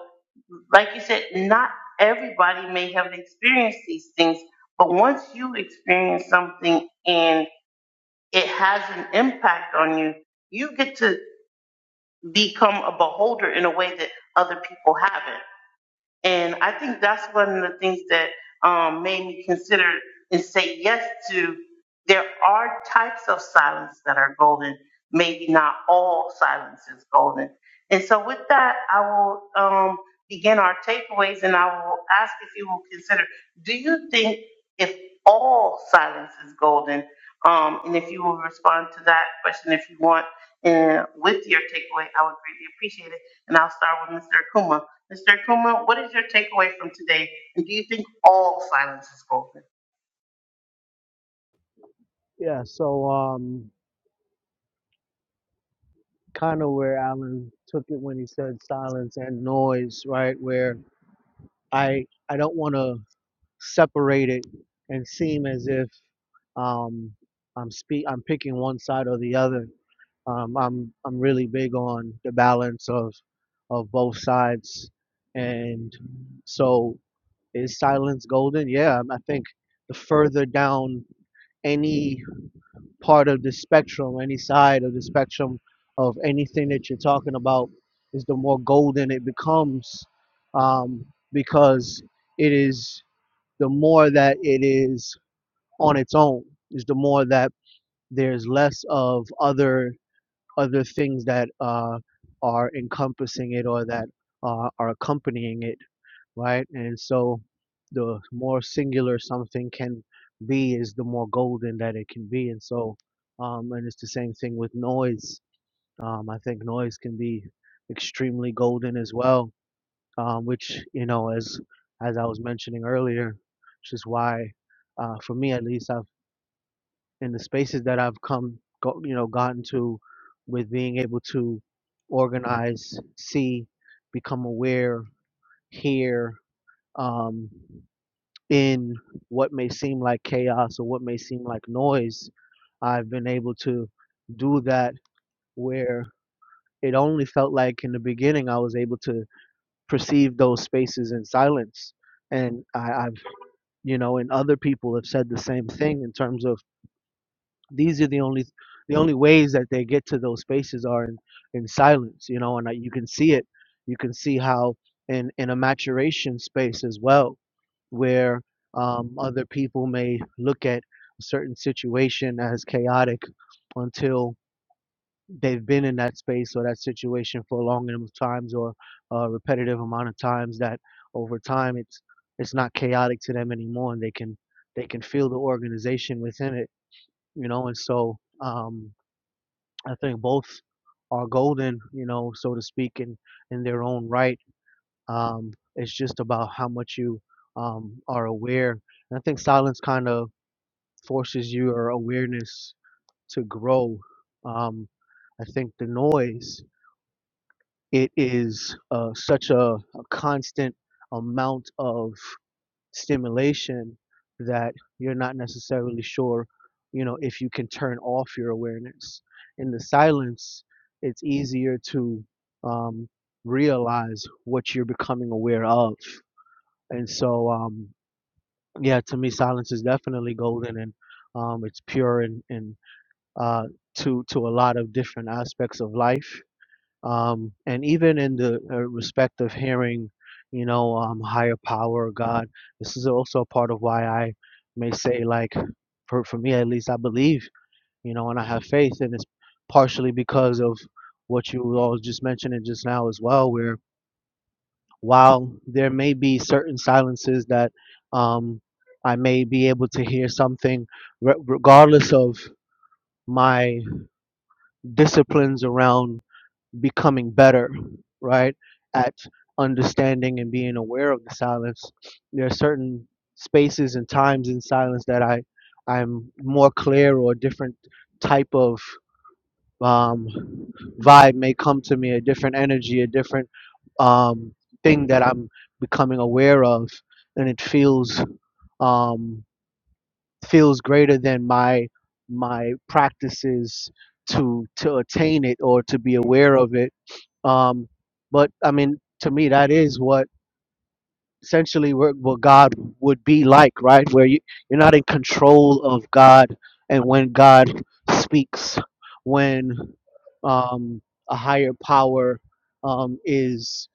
[SPEAKER 1] like you said, not everybody may have experienced these things, but once you experience something and it has an impact on you, you get to become a beholder in a way that other people haven't. And I think that's one of the things that um, made me consider and say yes to. There are types of silence that are golden. Maybe not all silence is golden. And so, with that, I will um, begin our takeaways, and I will ask if you will consider: Do you think if all silence is golden? Um, and if you will respond to that question, if you want, and with your takeaway, I would greatly appreciate it. And I'll start with Mr. Akuma. Mr. Akuma, what is your takeaway from today? And do you think all silence is golden?
[SPEAKER 3] Yeah, so um, kind of where Alan took it when he said silence and noise, right? Where I I don't want to separate it and seem as if um, I'm speak I'm picking one side or the other. Um, I'm I'm really big on the balance of of both sides, and so is silence golden? Yeah, I think the further down any part of the spectrum, any side of the spectrum of anything that you're talking about, is the more golden it becomes, um, because it is the more that it is on its own, is the more that there's less of other other things that uh, are encompassing it or that uh, are accompanying it right? And so the more singular something can be is the more golden that it can be. And so, um, and it's the same thing with noise. Um, I think noise can be extremely golden as well, um, which, you know, as, as I was mentioning earlier, which is why, uh, for me at least, I've, in the spaces that I've come, go, you know, gotten to with being able to organize, see, become aware, hear, um, in what may seem like chaos or what may seem like noise, I've been able to do that where it only felt like in the beginning I was able to perceive those spaces in silence. And I, I've, you know, and other people have said the same thing in terms of these are the only, the only ways that they get to those spaces are in, in silence, you know, and I, you can see it. You can see how in, in a maturation space as well, where um, other people may look at a certain situation as chaotic until they've been in that space or that situation for a long enough times or a repetitive amount of times that over time it's it's not chaotic to them anymore and they can they can feel the organization within it you know and so um, i think both are golden you know so to speak in in their own right um, it's just about how much you um, are aware. And I think silence kind of forces your awareness to grow. Um, I think the noise, it is uh, such a, a constant amount of stimulation that you're not necessarily sure, you know, if you can turn off your awareness. In the silence, it's easier to um, realize what you're becoming aware of and so um yeah to me silence is definitely golden and um it's pure and and uh to to a lot of different aspects of life um and even in the uh, respect of hearing you know um higher power god this is also a part of why i may say like for for me at least i believe you know and i have faith and it's partially because of what you all just mentioned just now as well where while there may be certain silences that um, I may be able to hear something, re- regardless of my disciplines around becoming better, right, at understanding and being aware of the silence, there are certain spaces and times in silence that I, I'm more clear or different type of um, vibe may come to me, a different energy, a different um, thing that I'm becoming aware of, and it feels um, feels greater than my my practices to to attain it or to be aware of it. Um, but I mean, to me, that is what essentially what, what God would be like, right? Where you, you're not in control of God, and when God speaks, when um, a higher power um, is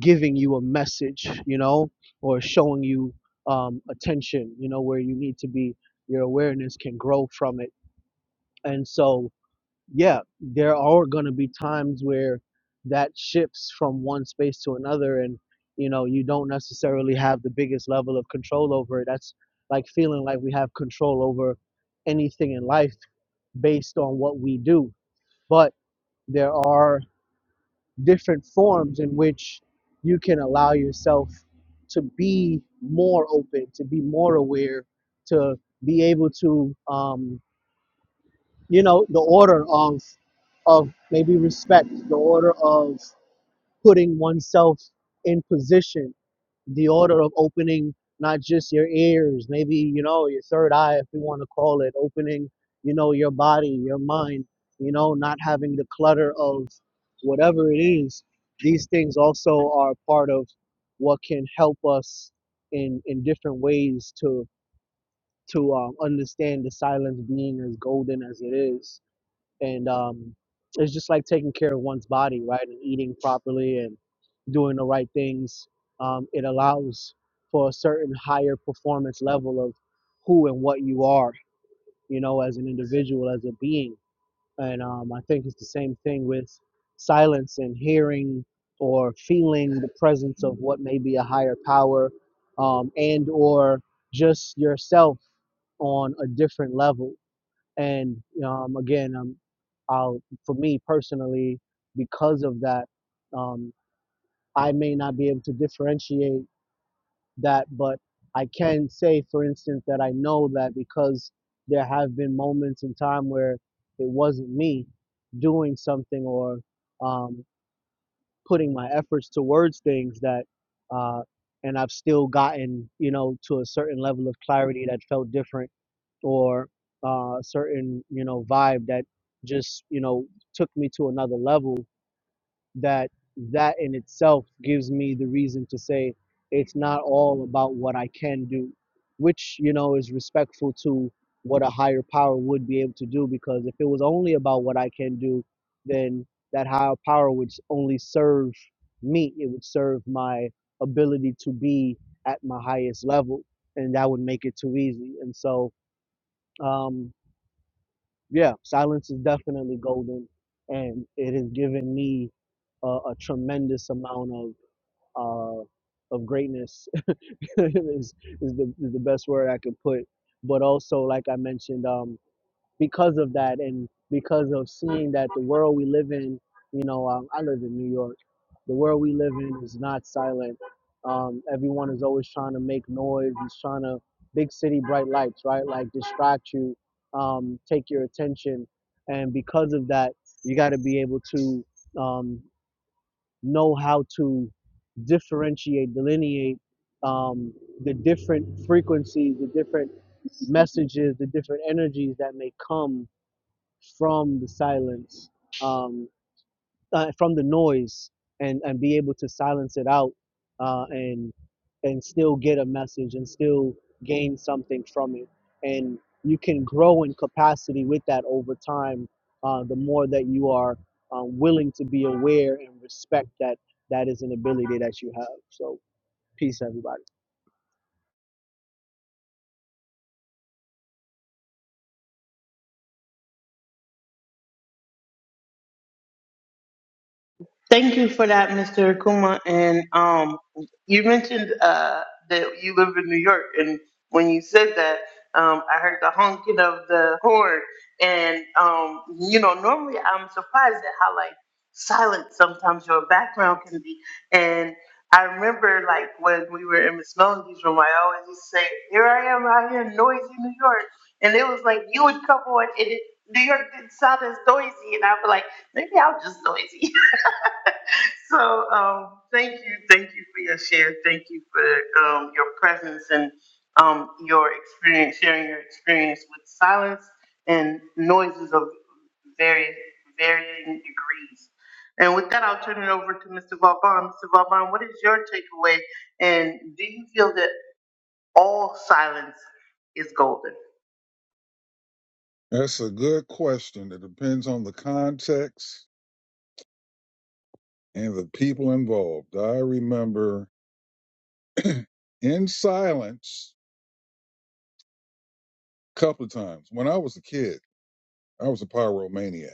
[SPEAKER 3] giving you a message, you know, or showing you um, attention, you know, where you need to be, your awareness can grow from it. And so, yeah, there are going to be times where that shifts from one space to another, and you know, you don't necessarily have the biggest level of control over it. That's like feeling like we have control over anything in life based on what we do. But there are different forms in which you can allow yourself to be more open, to be more aware, to be able to um, you know the order of of maybe respect the order of putting oneself in position the order of opening not just your ears maybe you know your third eye if you want to call it opening you know your body your mind you know not having the clutter of whatever it is these things also are part of what can help us in in different ways to to um, understand the silence being as golden as it is and um, it's just like taking care of one's body, right, and eating properly and doing the right things. Um, it allows for a certain higher performance level of who and what you are, you know, as an individual, as a being. And um, I think it's the same thing with silence and hearing or feeling the presence of what may be a higher power um, and or just yourself on a different level and um, again, um, I'll, for me personally, because of that, um, I may not be able to differentiate that, but I can say, for instance, that I know that because there have been moments in time where it wasn't me doing something or um, putting my efforts towards things that uh and I've still gotten, you know, to a certain level of clarity that felt different or uh certain, you know, vibe that just, you know, took me to another level that that in itself gives me the reason to say it's not all about what I can do, which you know is respectful to what a higher power would be able to do. Because if it was only about what I can do, then that higher power would only serve me. It would serve my ability to be at my highest level, and that would make it too easy. And so. Um, yeah, silence is definitely golden, and it has given me a, a tremendous amount of uh, of greatness is is the is the best word I could put. But also, like I mentioned, um, because of that and because of seeing that the world we live in, you know, um, I live in New York. The world we live in is not silent. Um, everyone is always trying to make noise. He's trying to big city bright lights, right? Like distract you, um, take your attention, and because of that, you got to be able to um, know how to differentiate, delineate um, the different frequencies, the different messages, the different energies that may come from the silence, um, uh, from the noise, and and be able to silence it out, uh, and and still get a message and still gain something from it. And you can grow in capacity with that over time. Uh, the more that you are uh, willing to be aware and respect that that is an ability that you have. So peace, everybody.
[SPEAKER 1] Thank you for that, Mr. Akuma. And um, you mentioned uh, that you live in New York, and when you said that, um, I heard the honking of the horn. And um, you know, normally I'm surprised at how like silent sometimes your background can be. And I remember like when we were in Miss Melody's room, I always used to say, "Here I am out here, in noisy New York," and it was like you would come on, and it, New York didn't sound as noisy, and I'd be like, "Maybe I'm just noisy." so um, thank you, thank you for your share. Thank you for um, your presence and um, your experience, sharing your experience with silence and noises of various varying degrees. And with that, I'll turn it over to Mr. Vauban. Mr. Vauban, what is your takeaway? And do you feel that all silence is golden?
[SPEAKER 6] That's a good question. It depends on the context and the people involved. I remember in silence a couple of times when I was a kid. I was a pyromaniac.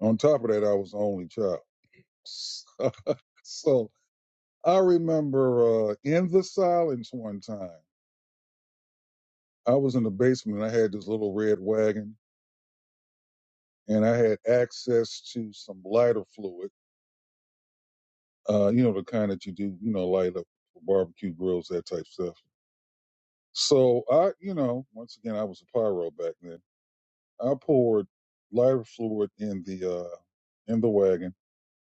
[SPEAKER 6] On top of that, I was the only child. so so I remember uh, in the silence one time, I was in the basement and I had this little red wagon and I had access to some lighter fluid, uh, you know, the kind that you do, you know, light up for barbecue grills, that type stuff. So I, you know, once again, I was a pyro back then. I poured lighter fluid in the, uh, in the wagon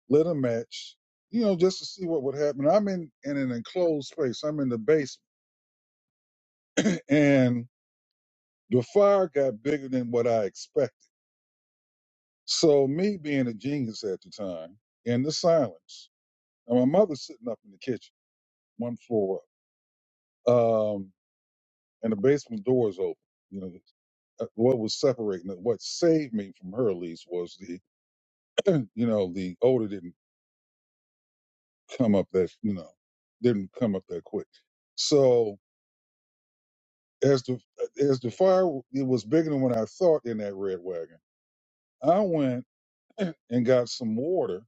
[SPEAKER 6] Lit a match, you know, just to see what would happen. I'm in, in an enclosed space. I'm in the basement, and the fire got bigger than what I expected. So me being a genius at the time, in the silence, and my mother's sitting up in the kitchen, one floor up, um, and the basement door is open. You know, uh, what was separating it, what saved me from her at least was the, you know, the odor didn't come up that, you know, didn't come up that quick. So as the as the fire it was bigger than what I thought in that red wagon. I went and got some water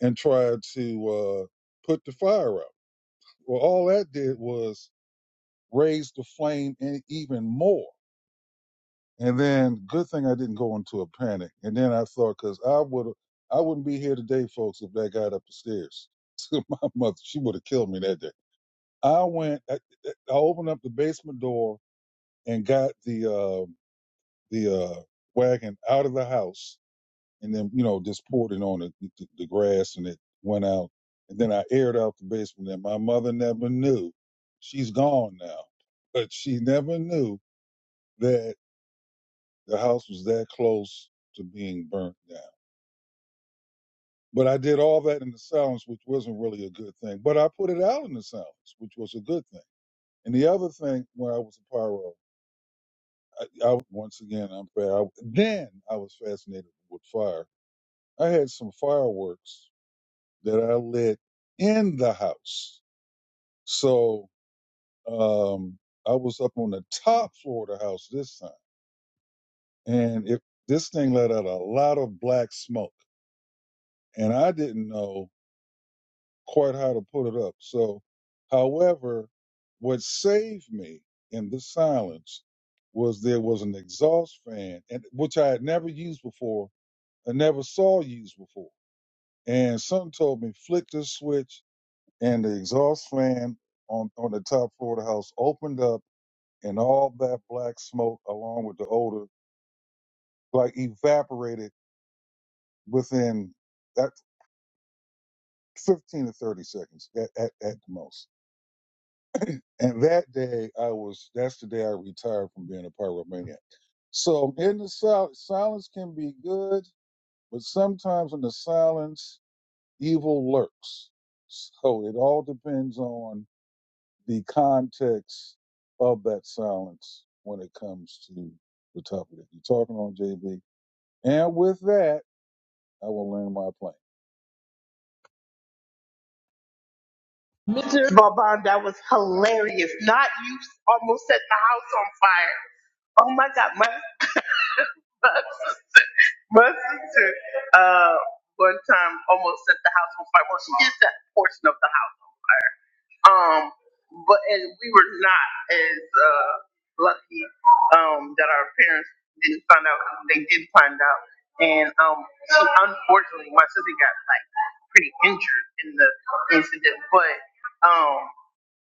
[SPEAKER 6] and tried to uh, put the fire out. Well, all that did was raise the flame in even more. And then, good thing I didn't go into a panic. And then I thought, because I would I wouldn't be here today, folks, if that got up the stairs to my mother. She would have killed me that day. I went. I, I opened up the basement door and got the. uh, the uh, wagon out of the house and then, you know, just poured it on the, the, the grass and it went out. And then I aired out the basement and my mother never knew. She's gone now, but she never knew that the house was that close to being burnt down. But I did all that in the silence, which wasn't really a good thing. But I put it out in the silence, which was a good thing. And the other thing, when I was a pyro, I, I once again, I'm fair. I, then I was fascinated with fire I had some fireworks that I lit in the house. So um, I was up on the top floor of the house this time. And it, this thing let out a lot of black smoke. And I didn't know quite how to put it up. So, however, what saved me in the silence was there was an exhaust fan, and which I had never used before and never saw used before. And something told me, flick this switch and the exhaust fan on, on the top floor of the house opened up and all that black smoke along with the odor like evaporated within that 15 to 30 seconds at, at, at the most and that day i was that's the day i retired from being a pyromaniac so in the sil- silence can be good but sometimes in the silence evil lurks so it all depends on the context of that silence when it comes to the topic that you're talking on, JB. And with that, I will land my plane.
[SPEAKER 1] Mr. Vauban, that was hilarious. Not you almost set the house on fire. Oh my God, my My sister, uh, one time almost set the house on fire. Well, she did that portion of the house. Um, but and we were not as uh lucky um that our parents didn't find out. They did find out, and um, she, unfortunately, my sister got like pretty injured in the incident. But um,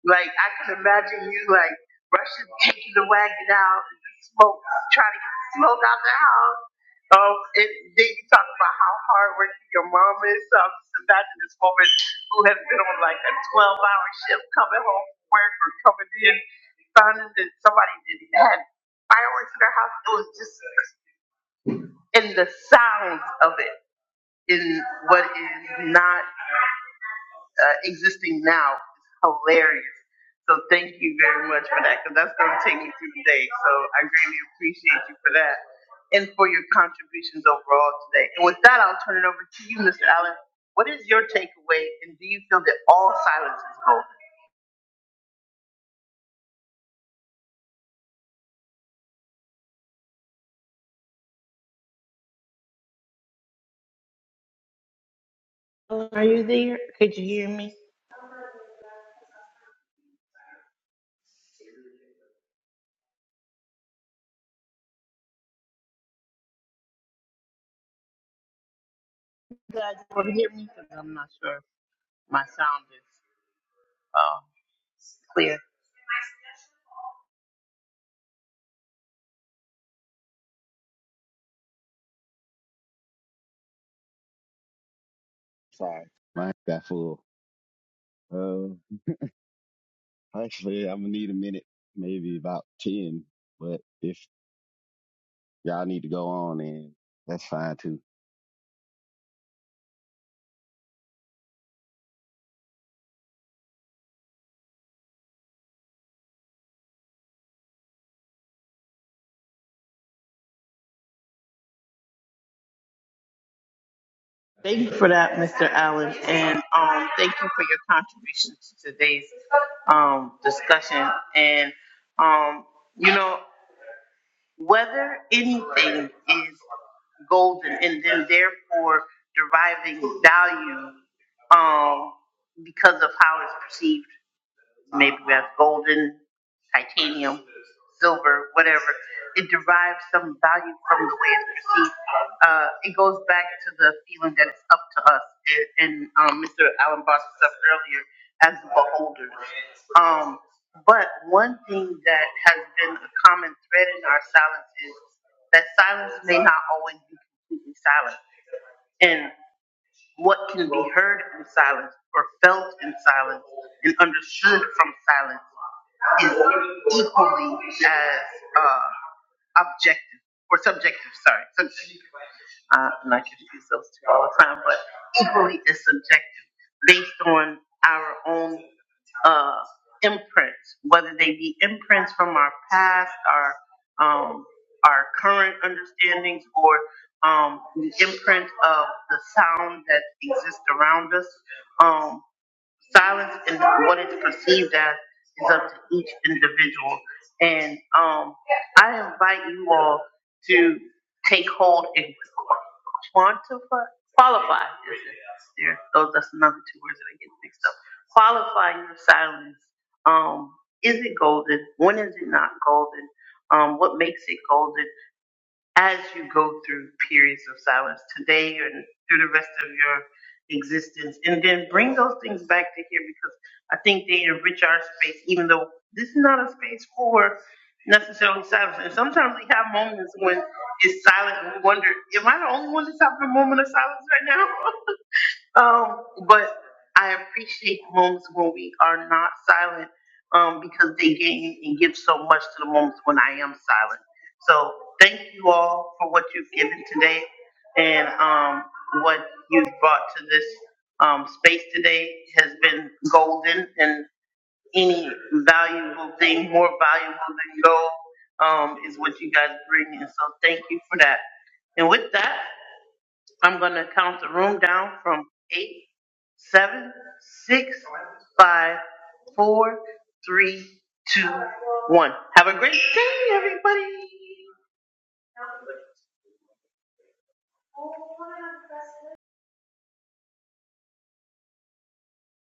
[SPEAKER 1] like I can imagine you like rushing, taking the wagon out, and the smoke, trying to get the smoke out the house. Um, and then you talk about how hardworking your mom is. So I'm just imagining this woman who has been on like a 12-hour shift, coming home from work or coming in, finding that somebody did had fireworks in their house. It was just in the sounds of it, in what is not uh, existing now is hilarious. So thank you very much for that, because that's going to take me through the day. So I greatly appreciate you for that and for your contributions overall today. And with that, I'll turn it over to you, Mr. Allen. What is your takeaway, and do you feel that all silence is golden? Pardon me, sir.
[SPEAKER 7] Sorry, mine got full. Uh, actually, I'm gonna need a minute, maybe about ten. But if Y'all need to go on and that's fine too.
[SPEAKER 1] Thank you for that, Mr. Allen, and um, thank you for your contribution to today's um, discussion. And um, you know. whether anything is golden and then therefore deriving value um, because of how it's perceived maybe we have golden, titanium, silver, whatever. It derives some value from the way it's perceived. Uh, it goes back to the feeling that it's up to us. It- And um, Mr. Alan brought this up earlier as the beholders. Um, but one thing that has been a common thread in our silence is that silence may not always be completely silent. What can be heard in silence or felt in silence and understood from silence is equally as uh, objective or subjective, sorry, subjective. Uh, and I could use those two all the time, but equally as subjective based on our own uh, imprints, whether they be imprints from our past, our um, our current understandings, or um, the imprint of the sound that exists around us. Um, silence and what it's perceived as is up to each individual. And um, I invite you all to take hold and quantify, qualify. is it? There, those that's another two words that I get mixed up. Qualify your silence. Um, is it golden? When is it not golden? Um, what makes it golden? as you go through periods of silence today and through the rest of your existence. And then bring those things back to here because I think they enrich our space, even though this is not a space for necessarily silence. And sometimes we have moments when it's silent and we wonder, am I the only one that's having a moment of silence right now? Um, but I appreciate moments when we are not silent, um, because they gain and give so much to the moments when I am silent. So thank you all for what you've given today and um, what you've brought to this um, space today has been golden and any valuable thing, more valuable than gold, um, is what you guys bring. And so thank you for that. And with that, I'm gonna count the room down from eight, seven, six, five, four, three, two, one. Have a great day, everybody.